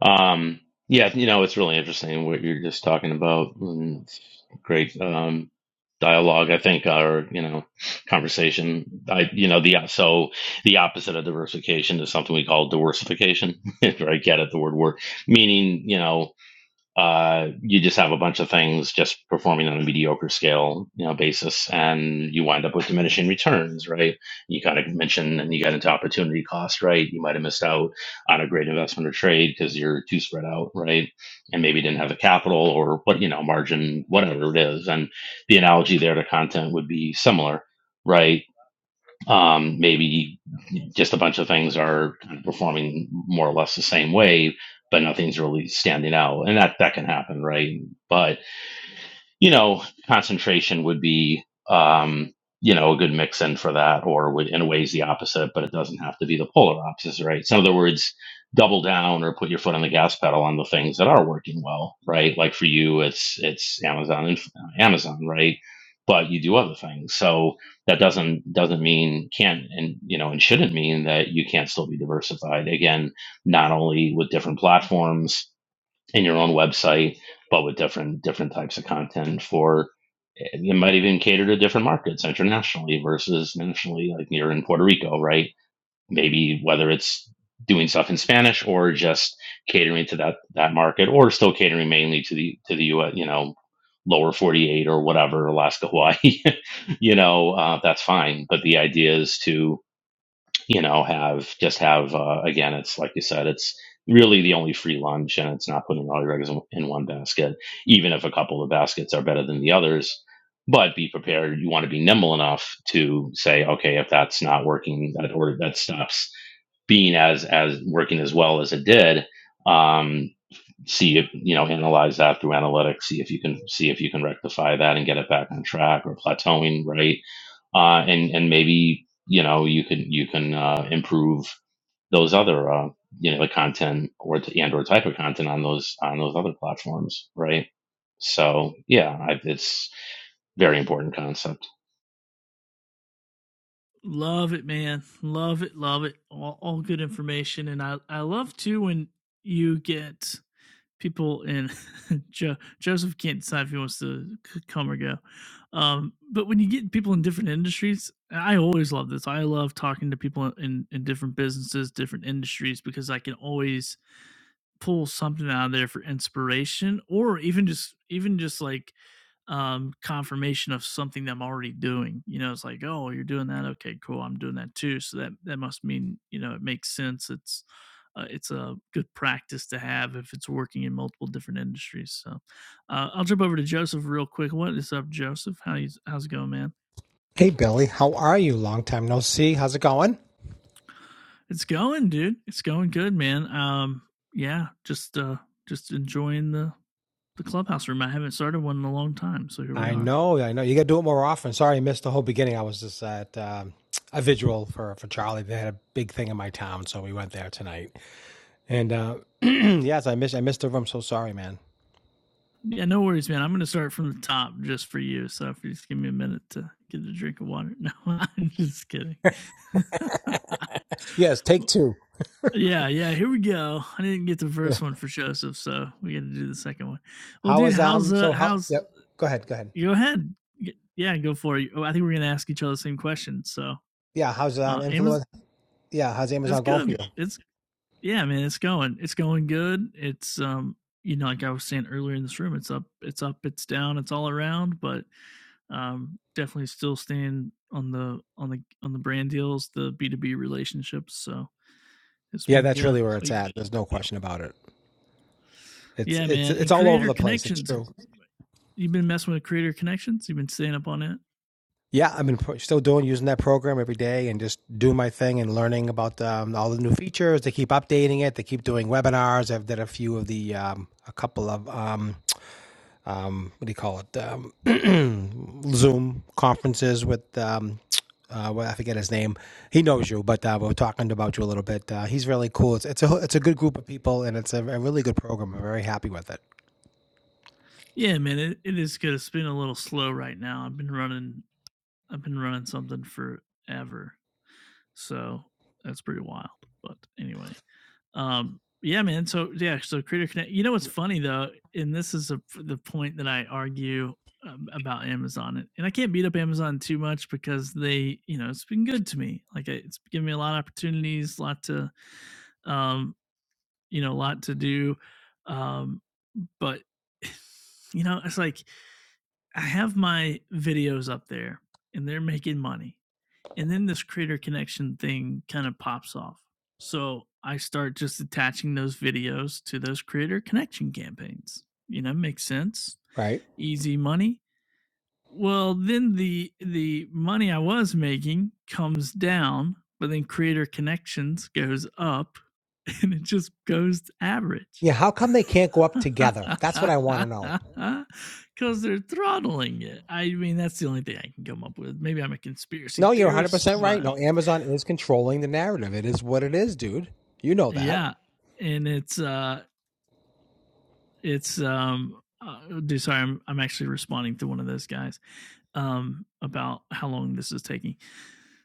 Speaker 8: Um, yeah, you know, it's really interesting what you're just talking about. and it's great um, dialogue, I think, or you know, conversation. I, you know, the so the opposite of diversification is something we call diversification. If I Get it? The word work, meaning you know uh, you just have a bunch of things just performing on a mediocre scale, you know, basis, and you wind up with diminishing returns, right? You kind of mentioned, and you got into opportunity cost, right? You might have missed out on a great investment or trade because you're too spread out, right? And maybe didn't have the capital or what, you know, margin, whatever it is. And the analogy there to content would be similar, right? um, maybe just a bunch of things are kind of performing more or less the same way, but nothing's really standing out, and that that can happen, right? But you know, concentration would be, um, you know, a good mix in for that, or would in a ways the opposite, but it doesn't have to be the polar opposite, right? So in other words, double down or put your foot on the gas pedal on the things that are working well, right? Like for you, it's it's Amazon and Amazon, right? But you do other things, so that doesn't doesn't mean can't and you know and shouldn't mean that you can't still be diversified. Again, not only with different platforms, in your own website, but with different different types of content for you might even cater to different markets internationally versus nationally, like you're in Puerto Rico, right? Maybe whether it's doing stuff in Spanish or just catering to that that market, or still catering mainly to the to the U.S. You know, lower 48 or whatever, Alaska, Hawaii. you know, uh, that's fine. But the idea is to you know, have just have uh, again, it's like you said, it's really the only free lunch, and it's not putting all your eggs in in one basket. Even if a couple of baskets are better than the others, but be prepared. You want to be nimble enough to say, okay, if that's not working, that order that stops being as as working as well as it did. Um, see if you know analyze that through analytics see if you can see if you can rectify that and get it back on track or plateauing right uh, and and maybe you know you can you can uh, improve those other uh, you know the content or t- and or type of content on those on those other platforms, right? So yeah, I, it's very important concept.
Speaker 1: Love it, man. Love it. Love it. All, all good information, and I I love too when you get people in jo- Joseph can't decide if he wants to c- come or go. Um, but when you get people in different industries, I always love this. I love talking to people in, in different businesses, different industries, because I can always pull something out of there for inspiration or even just even just like um confirmation of something that I'm already doing. You know, it's like, oh, you're doing that. Okay, cool. I'm doing that too. So that that must mean, you know, it makes sense. It's uh, it's a good practice to have if it's working in multiple different industries. So uh, I'll jump over to Joseph real quick. What is up, Joseph? How you, how's it going, man?
Speaker 9: Hey Billy, how are you? Long time no see. How's it going?
Speaker 1: It's going, dude. It's going good, man. Um, yeah, just uh, just enjoying the the clubhouse room. I haven't started one in a long time, so here we
Speaker 9: I
Speaker 1: are.
Speaker 9: know, I know. You got to do it more often. Sorry, I missed the whole beginning. I was just at um, a vigil for for Charlie. They had a big thing in my town, so we went there tonight. And uh, yes, I missed I missed the room. So sorry, man.
Speaker 1: Yeah, no worries, man. I'm going to start from the top just for you. So if you just give me a minute to get a drink of water. No, I'm just kidding.
Speaker 9: Yes, take two.
Speaker 1: yeah, yeah. Here we go. I didn't get the
Speaker 9: Yeah.
Speaker 1: first one for Joseph, so we got to do the second one. Well,
Speaker 9: How
Speaker 1: dude,
Speaker 9: was
Speaker 1: how's
Speaker 9: um?
Speaker 1: uh,
Speaker 9: So how?
Speaker 1: how's?
Speaker 9: Yep. Go ahead. Go ahead.
Speaker 1: Go ahead. Yeah, go for it. Oh, I think we're going to ask each other the same question. So,
Speaker 9: Yeah. How's um
Speaker 1: uh, Amazon,
Speaker 9: influence? Yeah. How's
Speaker 1: it's
Speaker 9: Amazon going for
Speaker 1: good.
Speaker 9: you?
Speaker 1: It's yeah, man, it's going. It's going good. It's um, you know, like I was saying earlier in this room, it's up, it's up, it's down, it's all around, but um definitely still staying on the on the on the brand deals, the B2B relationships. So it's
Speaker 9: Yeah,
Speaker 1: been
Speaker 9: that's
Speaker 1: good.
Speaker 9: really where
Speaker 1: But
Speaker 9: it's at. There's no question about it. It's
Speaker 1: yeah,
Speaker 9: it's
Speaker 1: man.
Speaker 9: it's
Speaker 1: And
Speaker 9: all over
Speaker 1: creator
Speaker 9: the place. It's
Speaker 1: connections have
Speaker 9: true.
Speaker 1: You've been messing with creator connections? You've been staying up on it?
Speaker 9: Yeah, I've been pro- still doing using that program every day and just doing my thing and learning about um, all the new features. They keep updating it. They keep doing webinars. I've done a few of the um, a couple of um, um, what do you call it um, Zoom conferences with um, uh, well, I forget his name. He knows you, but uh, we we're talking about you a little bit. Uh, he's really cool. It's, it's a it's a good group of people and it's a, a really good program. I'm very happy with it.
Speaker 1: Yeah, man, it, it is good. It's been a little slow right now. I've been running I've been running something forever. So that's pretty wild. But anyway. Um, yeah, man. So yeah, so Creator Connect. You know what's funny though, and this is a, the point that I argue um, about Amazon, and and I can't beat up Amazon too much because they, you know, it's been good to me. Like I- it's given me a lot of opportunities, a lot to, um, you know, a lot to do. Um, but you know, it's like I have my videos up there, and they're making money and then this creator connection thing kind of pops off. So I start just attaching those videos to those creator connection campaigns. You know, makes sense.
Speaker 9: right?
Speaker 1: Easy money. Well, then the the money I was making comes down, but then creator connections goes up and it just goes to average.
Speaker 9: Yeah, how come they can't go up together? That's what I want to know.
Speaker 1: Because they're throttling it. I mean, that's the only thing I can come up with. Maybe I'm a conspiracy
Speaker 9: No, you're
Speaker 1: theorist,
Speaker 9: 100% right.
Speaker 1: but
Speaker 9: No, Amazon is controlling the narrative. It is what it is, dude. You know that.
Speaker 1: Yeah, and it's uh it's um uh, dude, sorry, I'm I'm actually responding to one of those guys um about how long this is taking.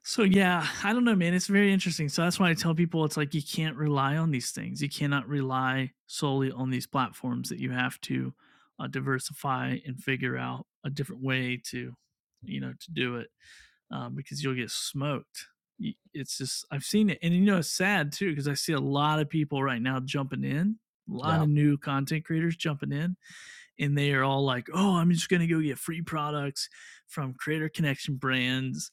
Speaker 1: So yeah, I don't know, man. It's very interesting. So that's why I tell people it's like you can't rely on these things. You cannot rely solely on these platforms. That you have to uh, diversify and figure out a different way to, you know, to do it um, because you'll get smoked. It's just I've seen it, and you know it's sad too because I see a lot of people right now jumping in, a lot
Speaker 9: Yeah,
Speaker 1: of new content creators jumping in, and they are all like, "Oh, I'm just gonna go get free products from Creator Connection brands,"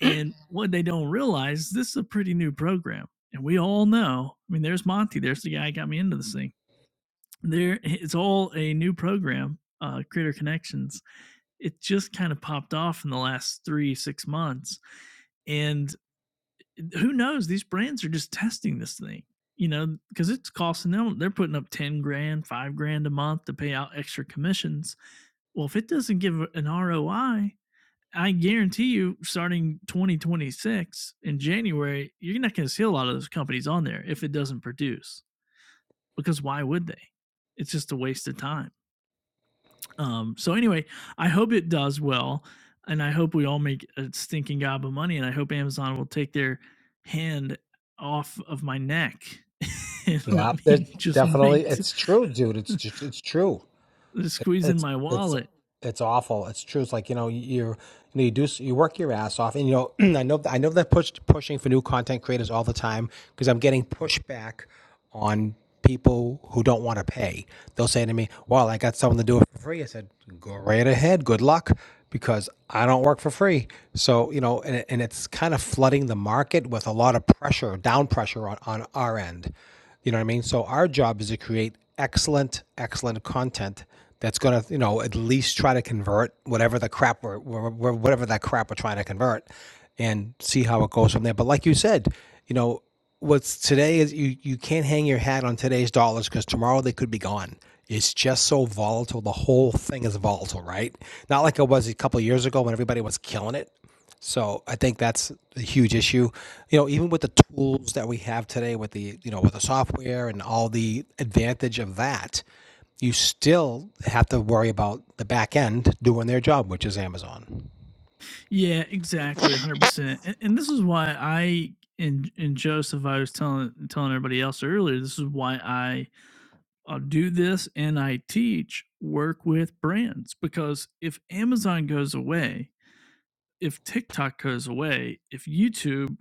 Speaker 1: and what they don't realize this is a pretty new program, and we all know. I mean, there's Monty, there's the guy who got me into this thing. There, it's all a new program, uh, Creator Connections. It just kind of popped off in the last three six months, and who knows? These brands are just testing this thing, you know, because it's costing them. They're putting up ten grand, five grand a month to pay out extra commissions. Well, if it doesn't give an ROI, I I guarantee you, starting 2026 in January, you're not going to see a lot of those companies on there if it doesn't produce. Because why would they? It's just a waste of time. Um, so anyway, I hope it does well, and I hope we all make a stinking gob of money, and I hope Amazon will take their hand off of my neck and let
Speaker 9: yeah, it
Speaker 1: me just
Speaker 9: definitely.
Speaker 1: make t-
Speaker 9: It's true, dude. It's just, it's true.
Speaker 1: squeeze in
Speaker 9: it's
Speaker 1: my
Speaker 9: it's
Speaker 1: wallet.
Speaker 9: it's awful. It's true. It's like you know you you know you do you work your ass off, and you know I know I know that push pushing for new content creators all the time because I'm getting pushback on people who don't want to pay. They'll say to me, "Well, I got someone to do it for free." I said, "Go right ahead. Good luck." Because I don't work for free, so you know, and, it- and it's kind of flooding the market with a lot of pressure, down pressure on, on our end. You know what I mean? So our job is to create excellent, excellent content that's going to you know at least try to convert whatever the crap we're, we're, whatever that crap we're trying to convert and see how it goes from there but like you said you know what's today is you you can't hang your hat on today's dollars because tomorrow they could be gone it's just so volatile the whole thing is volatile right not like it was a couple of years ago when everybody was killing it so I think that's a huge issue. You know, even with the tools that we have today, with the you know with the software and all the advantage of that, you still have to worry about the back end doing their job, which is Amazon.
Speaker 1: Yeah, exactly, hundred percent. And, and this is why I and and Joseph, I was telling telling everybody else earlier. This is why I uh, do this and I teach work with brands because if Amazon goes away if TikTok goes away, if YouTube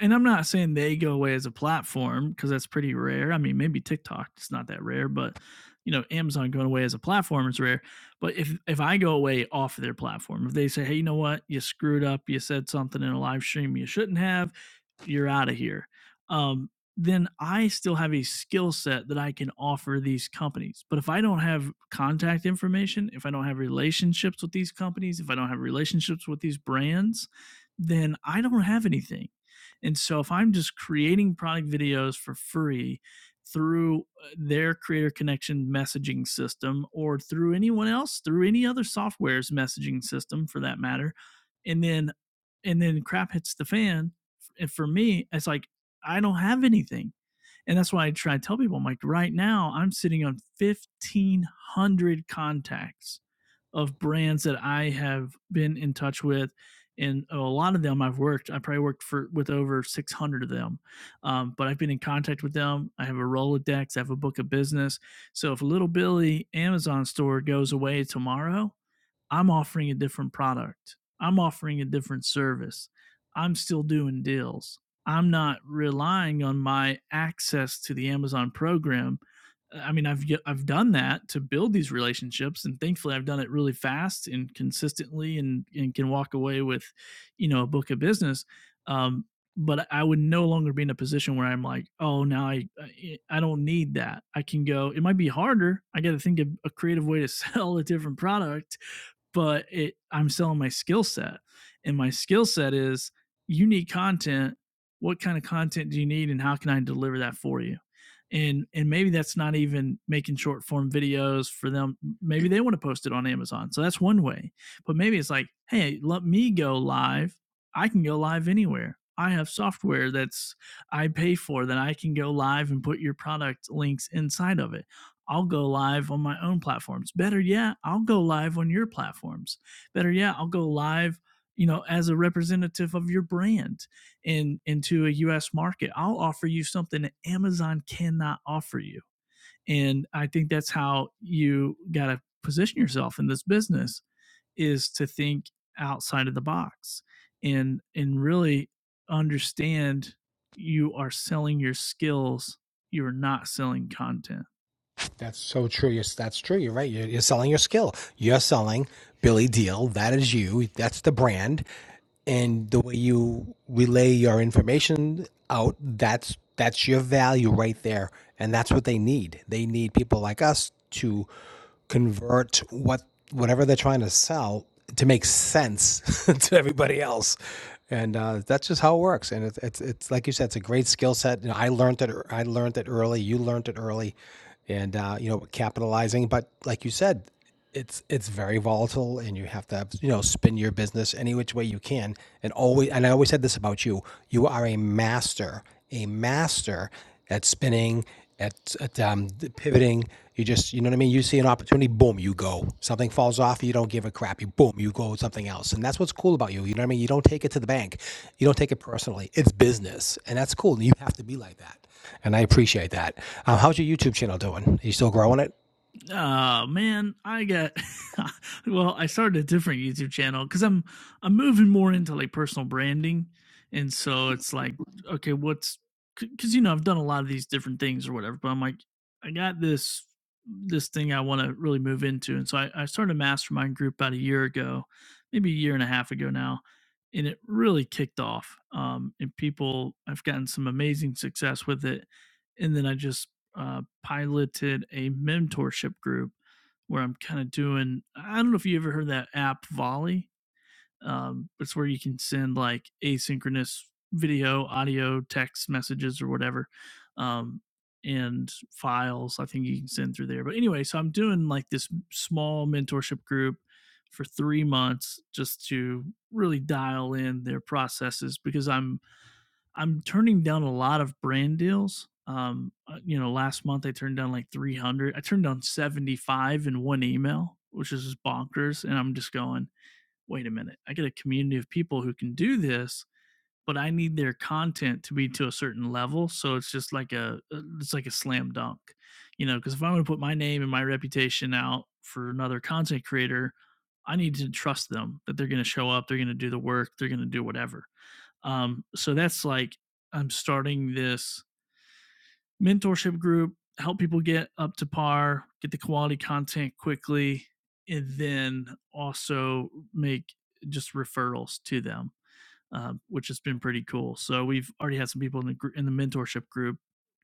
Speaker 1: and I'm not saying they go away as a platform because that's pretty rare. I mean, maybe TikTok it's not that rare, but you know, Amazon going away as a platform is rare. But if if I go away off their platform, if they say, "Hey, you know what? You screwed up. You said something in a live stream you shouldn't have. You're out of here." Um, then I still have a skill set that I can offer these companies. But if I don't have contact information, if I don't have relationships with these companies, if I don't have relationships with these brands, then I don't have anything. And so if I'm just creating product videos for free through uh, their creator connection messaging system or through anyone else, through any other software's messaging system for that matter, and then and then crap hits the fan, and for me, it's like I don't have anything. And that's why I try to tell people, I'm like, right now I'm sitting on 1,500 contacts of brands that I have been in touch with. And a lot of them I've worked, I probably worked for with over 600 of them. Um, but I've been in contact with them. I have a Rolodex, I have a book of business. So if Little Billy Amazon store goes away tomorrow, I'm offering a different product. I'm offering a different service. I'm still doing deals. I'm not relying on my access to the Amazon program. Uh, I mean, I've I've done that to build these relationships, and thankfully, I've done it really fast and consistently, and and can walk away with, you know, a book of business. Um, but I would no longer be in a position where I'm like, oh, now I I eh, I don't need that. I can go. It might be harder. I got to think of a creative way to sell a different product, but it I'm selling my skill set. And my skill set is you need content. What kind of content do you need and how can I deliver that for you? And and maybe that's not even making short form videos for them. Maybe they want to post it on Amazon. So that's one way. But maybe it's like, hey, let me go live. I can go live anywhere. I have software that's I pay for that I can go live and put your product links inside of it. I'll go live on my own platforms. Better yet, I'll go live on your platforms. Better yet, I'll go live, you know, as a representative of your brand in into a US market. I'll offer you something that Amazon cannot offer you. And I think that's how you got to position yourself in this business is to think outside of the box and and really understand you are selling your skills, you're not selling content.
Speaker 9: That's so true. Yes, that's true. You're right. You're, you're selling your skill. You're selling Billy Deal. That is you. That's the brand, and the way you relay your information out. That's that's your value right there, and that's what they need. They need people like us to convert what whatever they're trying to sell to make sense to everybody else. And uh, that's just how it works. And it's, it's, it's like you said, it's a great skill set. You know, I learned it. I learned it early. You learned it early, and uh, you know, capitalizing. But like you said, it's it's very volatile and you have to have, you know spin your business any which way you can and always and I always said this about you you are a master a master at spinning at, at um, d- pivoting you just you know what I mean you see an opportunity boom you go something falls off you don't give a crap you boom you go with something else and that's what's cool about you you know what I mean you don't take it to the bank you don't take it personally it's business and that's cool and you have to be like that and I appreciate that um, how's your YouTube channel doing are you still growing it
Speaker 1: Oh man, I got well, I started a different YouTube channel cuz I'm I'm moving more into like personal branding and so it's like okay, what's cuz you know, I've done a lot of these different things or whatever, but I'm like I got this this thing I want to really move into and so I, I started a mastermind group about a year ago, maybe a year and a half ago now, and it really kicked off. Um and people I've gotten some amazing success with it and then I just uh, piloted a mentorship group where I'm kind of doing. I don't know if you ever heard that app Volley. Um, it's where you can send like asynchronous video, audio, text messages, or whatever, um, and files. I think you can send through there. But anyway, so I'm doing like this small mentorship group for three months just to really dial in their processes because I'm I'm turning down a lot of brand deals. Um, uh, you know, last month I turned down like 300. I turned down 75 in one email, which is just bonkers. And I'm just going, wait a minute. I get a community of people who can do this, but I need their content to be to a certain level. So it's just like a, uh, it's like a slam dunk, you know, because if I'm going to put my name and my reputation out for another content creator, I need to trust them that they're going to show up, they're going to do the work, they're going to do whatever. Um, so that's like I'm starting this mentorship group, help people get up to par, get the quality content quickly, and then also make just referrals to them, um, which has been pretty cool. So we've already had some people in the in the mentorship group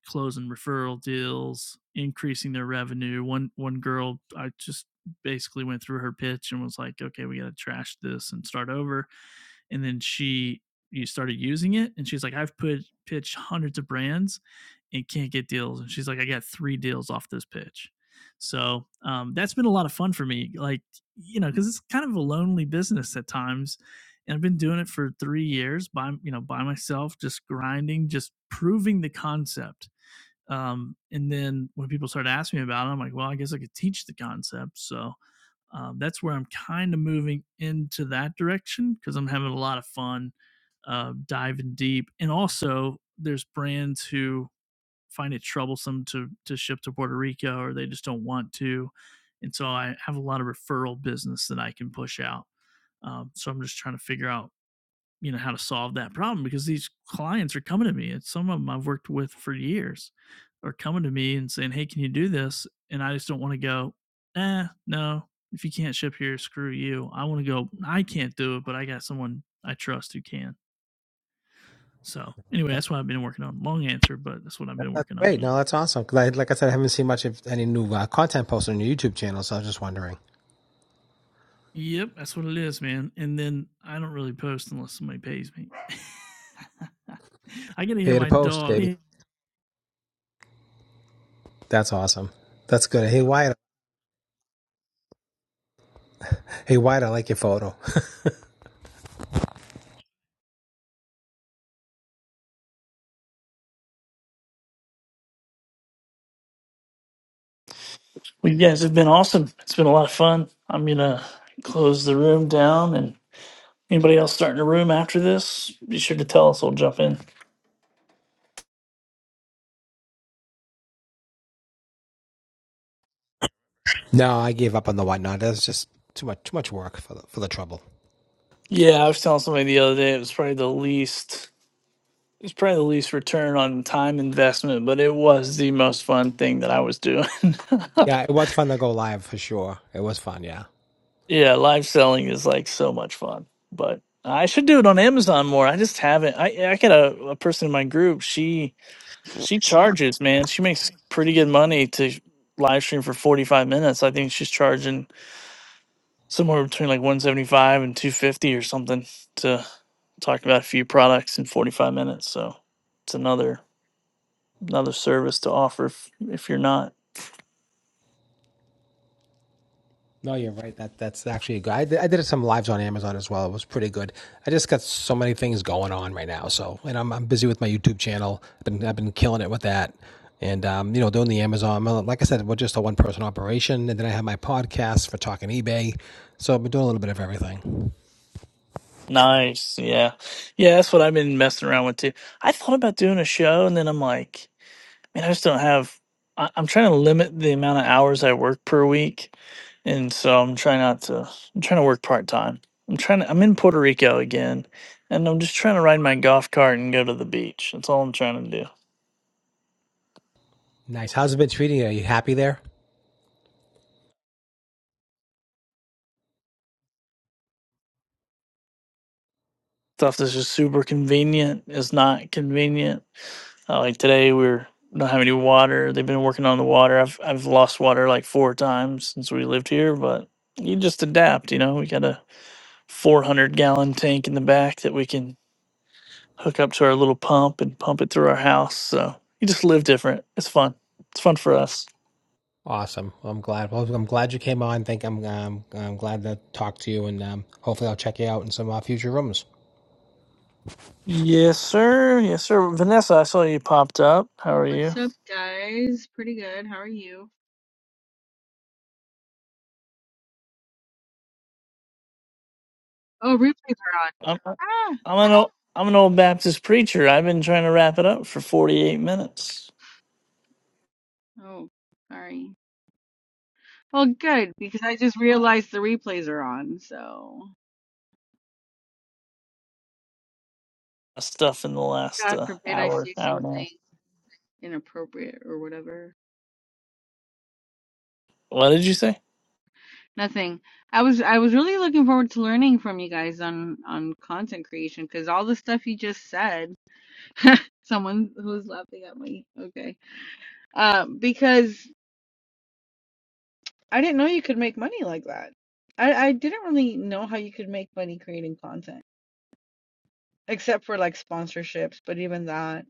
Speaker 1: closing referral deals, increasing their revenue. One one girl, I just basically went through her pitch and was like, "Okay, we got to trash this and start over." and then she you started using it and she's like i've put pitched hundreds of brands and can't get deals and she's like i got three deals off this pitch so um, that's been a lot of fun for me like you know because it's kind of a lonely business at times and i've been doing it for three years by you know by myself just grinding just proving the concept um, and then when people start asking me about it i'm like well i guess i could teach the concept so um, that's where I'm kind of moving into that direction because I'm having a lot of fun uh, diving deep. And also, there's brands who find it troublesome to to ship to Puerto Rico or they just don't want to. And so I have a lot of referral business that I can push out. Um, so I'm just trying to figure out you know, how to solve that problem because these clients are coming to me and some of them I've worked with for years are coming to me and saying, Hey, can you do this? And I just don't want to go, eh, no, if you can't ship here, screw you. I want to go, I can't do it, but I got someone I trust who can. So anyway, that's what I've been working on. Long answer, but that's what I've
Speaker 9: that,
Speaker 1: been
Speaker 9: that's
Speaker 1: working on.
Speaker 9: great. No, that's awesome. 'Cause I, like I said, I haven't seen much of any new uh, content posted on your YouTube channel, so I was just wondering.
Speaker 1: Yep, that's what it is, man. And then I don't really post unless somebody pays me. I gotta get
Speaker 9: Pay to
Speaker 1: my
Speaker 9: post, baby.
Speaker 1: dog
Speaker 9: That's awesome. That's good. Hey Wyatt, hey Wyatt, I like your photo.
Speaker 1: Well, you guys have been awesome. It's been a lot of fun. I'm gonna close the room down, and anybody else starting a room after this, be sure to tell us. We'll jump in.
Speaker 9: no, I gave up on the whatnot. That's just too much, too much work for the for the trouble.
Speaker 1: Yeah, I was telling somebody the other day it was probably the least. It was probably the least return on time investment, but it was the most fun thing that I was doing.
Speaker 9: Yeah, it was fun to go live for sure. It was fun, yeah.
Speaker 1: yeah, live selling is like so much fun, but I should do it on Amazon more. I just haven't. I I got a, a person in my group. She She charges, man. She makes pretty good money to live stream for 45 minutes. I think she's charging somewhere between like 175 and 250 or something to talk about a few products in 45 minutes. So it's another another service to offer if, if you're not.
Speaker 9: No, you're right. That that's actually good. I did, I did some lives on Amazon as well. It was pretty good. I just got so many things going on right now. So, and I'm I'm busy with my YouTube channel. I've been I've been killing it with that, and um, you know, doing the Amazon. well, Like I said, we're just a one person operation, and then I have my podcast for talking eBay. So I've been doing a little bit of everything.
Speaker 1: Nice. Yeah. Yeah, that's what I've been messing around with too. I thought about doing a show and then I'm like and I just don't have. I, I'm trying to limit the amount of hours I work per week, and so I'm trying not to. I'm trying to work part time. I'm trying to. I'm in Puerto Rico again, and I'm just trying to ride my golf cart and go to the beach. That's all I'm trying to do.
Speaker 9: Nice. How's it been treating you? Are you happy there?
Speaker 1: Stuff that's just super convenient is not convenient. Uh, like today, we are don't have any water. They've been working on the water. I've I've lost water like four times since we lived here, but you just adapt. You know, we got a 400 gallon tank in the back that we can hook up to our little pump and pump it through our house. So you just live different. It's fun. It's fun for us.
Speaker 9: Awesome. Well, I'm glad. Well, I'm glad you came on. Thank. I'm. Um, I'm glad to talk to you, and um, hopefully, I'll check you out in some uh, future rooms.
Speaker 1: Yes, sir. Yes, sir. Vanessa, I saw you popped up. How are you?
Speaker 10: What's up, guys? Pretty good. How are you? Oh, replays are on.
Speaker 1: I'm
Speaker 10: Ah!
Speaker 1: I'm an old, I'm an old Baptist preacher. I've been trying to wrap it up for 48 minutes.
Speaker 10: Oh, sorry. Well, good, because I just realized the replays are on, so
Speaker 1: Stuff in the last
Speaker 10: God
Speaker 1: uh,
Speaker 10: forbid I
Speaker 1: hour,
Speaker 10: say
Speaker 1: hour and a half.
Speaker 10: something inappropriate or whatever.
Speaker 1: What did you say?
Speaker 10: Nothing. I was I was really looking forward to learning from you guys on on content creation because all the stuff you just said. Someone who's laughing at me. Okay. Um, because I didn't know you could make money like that. I, I didn't really know how you could make money creating content. except for like sponsorships, but even that.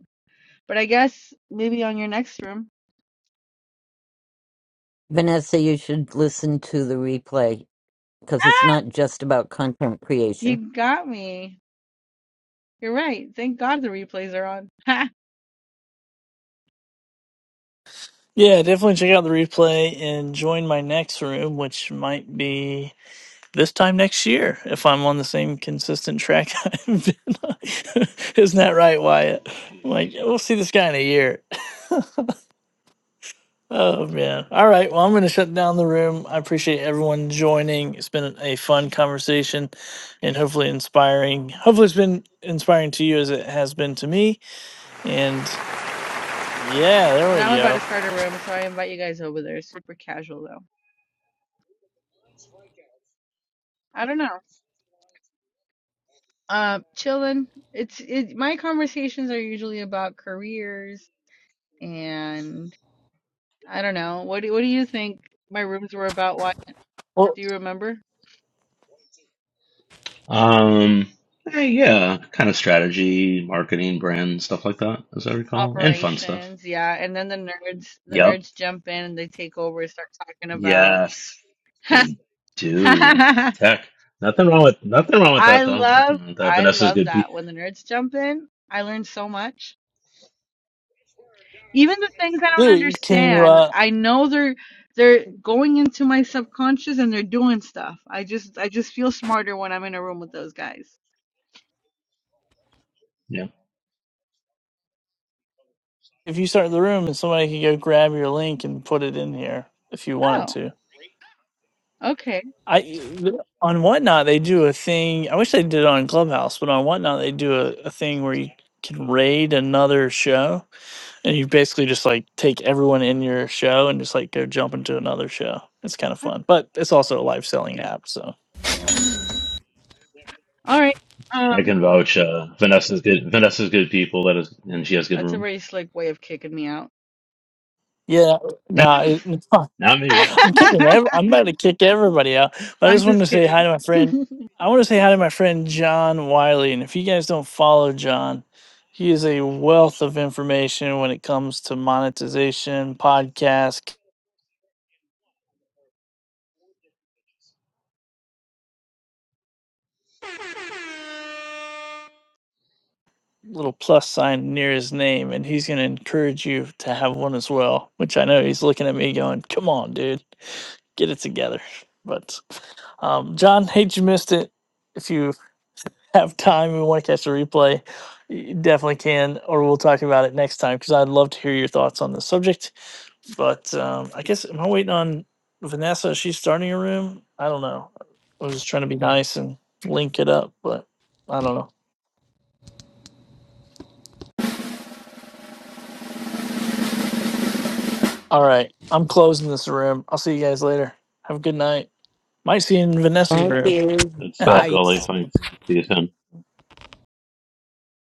Speaker 10: But I guess maybe on your next room.
Speaker 6: Vanessa, you should listen to the replay because it's
Speaker 10: Ah!
Speaker 6: not just about content creation.
Speaker 10: You got me. You're right. Thank God the replays are on.
Speaker 1: Yeah, definitely check out the replay and join my next room, which might be this time next year if I'm on the same consistent track I've been on. Isn't that right, Wyatt? I'm like, "Yeah, we'll see this guy in a year. Oh, man. All right. Well, I'm going to shut down the room. I appreciate everyone joining. It's been a fun conversation and hopefully inspiring. Hopefully, it's been inspiring to you as it has been to me. And yeah, there
Speaker 10: And
Speaker 1: we
Speaker 10: I'm about to
Speaker 1: go.
Speaker 10: start a room, so I invite you guys over there. It's super casual though. I don't know. Uh, chilling. It's it. My conversations are usually about careers and I don't know. What do what do you think my rooms were about? What
Speaker 1: Well,
Speaker 10: do you remember?
Speaker 8: Um, eh, yeah, kind of strategy, marketing, brand stuff like that, as I recall, and fun stuff.
Speaker 10: Operations, yeah. And then the nerds, the
Speaker 8: Yep.
Speaker 10: nerds jump in and they take over and start talking about
Speaker 8: Yes, they do tech. Nothing wrong with nothing wrong with
Speaker 10: I
Speaker 8: that though.
Speaker 10: love
Speaker 8: Nothing wrong with that.
Speaker 10: I
Speaker 8: Vanessa's
Speaker 10: love
Speaker 8: good. Pe-
Speaker 10: that when the nerds jump in. I learn so much. Even the things I don't
Speaker 1: dude, can you?
Speaker 10: understand,
Speaker 1: uh?
Speaker 10: I know they're they're going into my subconscious and they're doing stuff. I just I just feel smarter when I'm in a room with those guys.
Speaker 8: yeah.
Speaker 1: If you start the room, somebody could go grab your link and put it in here if you wanted
Speaker 10: Oh,
Speaker 1: to.
Speaker 10: okay.
Speaker 1: I on whatnot they do a thing. I wish they did it on Clubhouse, but on whatnot they do a, a thing where you can raid another show, and you basically just like take everyone in your show and just like go jump into another show. It's kind of fun, but it's also a live selling app. So
Speaker 10: Mm. All right.
Speaker 8: I
Speaker 10: Um,
Speaker 8: can vouch. Uh, Vanessa's good. Vanessa's good people. That is, and she has good
Speaker 10: that's a
Speaker 8: rooms.
Speaker 10: very slick way of kicking me out.
Speaker 1: yeah, no,
Speaker 8: Not
Speaker 1: it,
Speaker 8: me.
Speaker 1: I'm kicking. Ev- I'm about to kick everybody out. But I
Speaker 10: I'm
Speaker 1: just wanted
Speaker 10: just
Speaker 1: to say
Speaker 10: kidding.
Speaker 1: hi to my friend. I want to say hi to my friend John Wiley. And if you guys don't follow John, he is a wealth of information when it comes to monetization, podcast, little plus sign near his name, and he's going to encourage you to have one as well. Which I know he's looking at me going, "Come on, dude, get it together." But um, John, hate you missed it. If you have time and want to catch the replay, you definitely can, or we'll talk about it next time because I'd love to hear your thoughts on the subject. But um, I guess am I waiting on Vanessa? She's starting a room. I don't know. I was just trying to be nice and link it up, but I don't know. All right, I'm closing this room. I'll see you guys later. Have a good night. Might see you in Vanessa's room.
Speaker 8: Good stuff.
Speaker 9: Bye.
Speaker 8: LA fights. See you soon.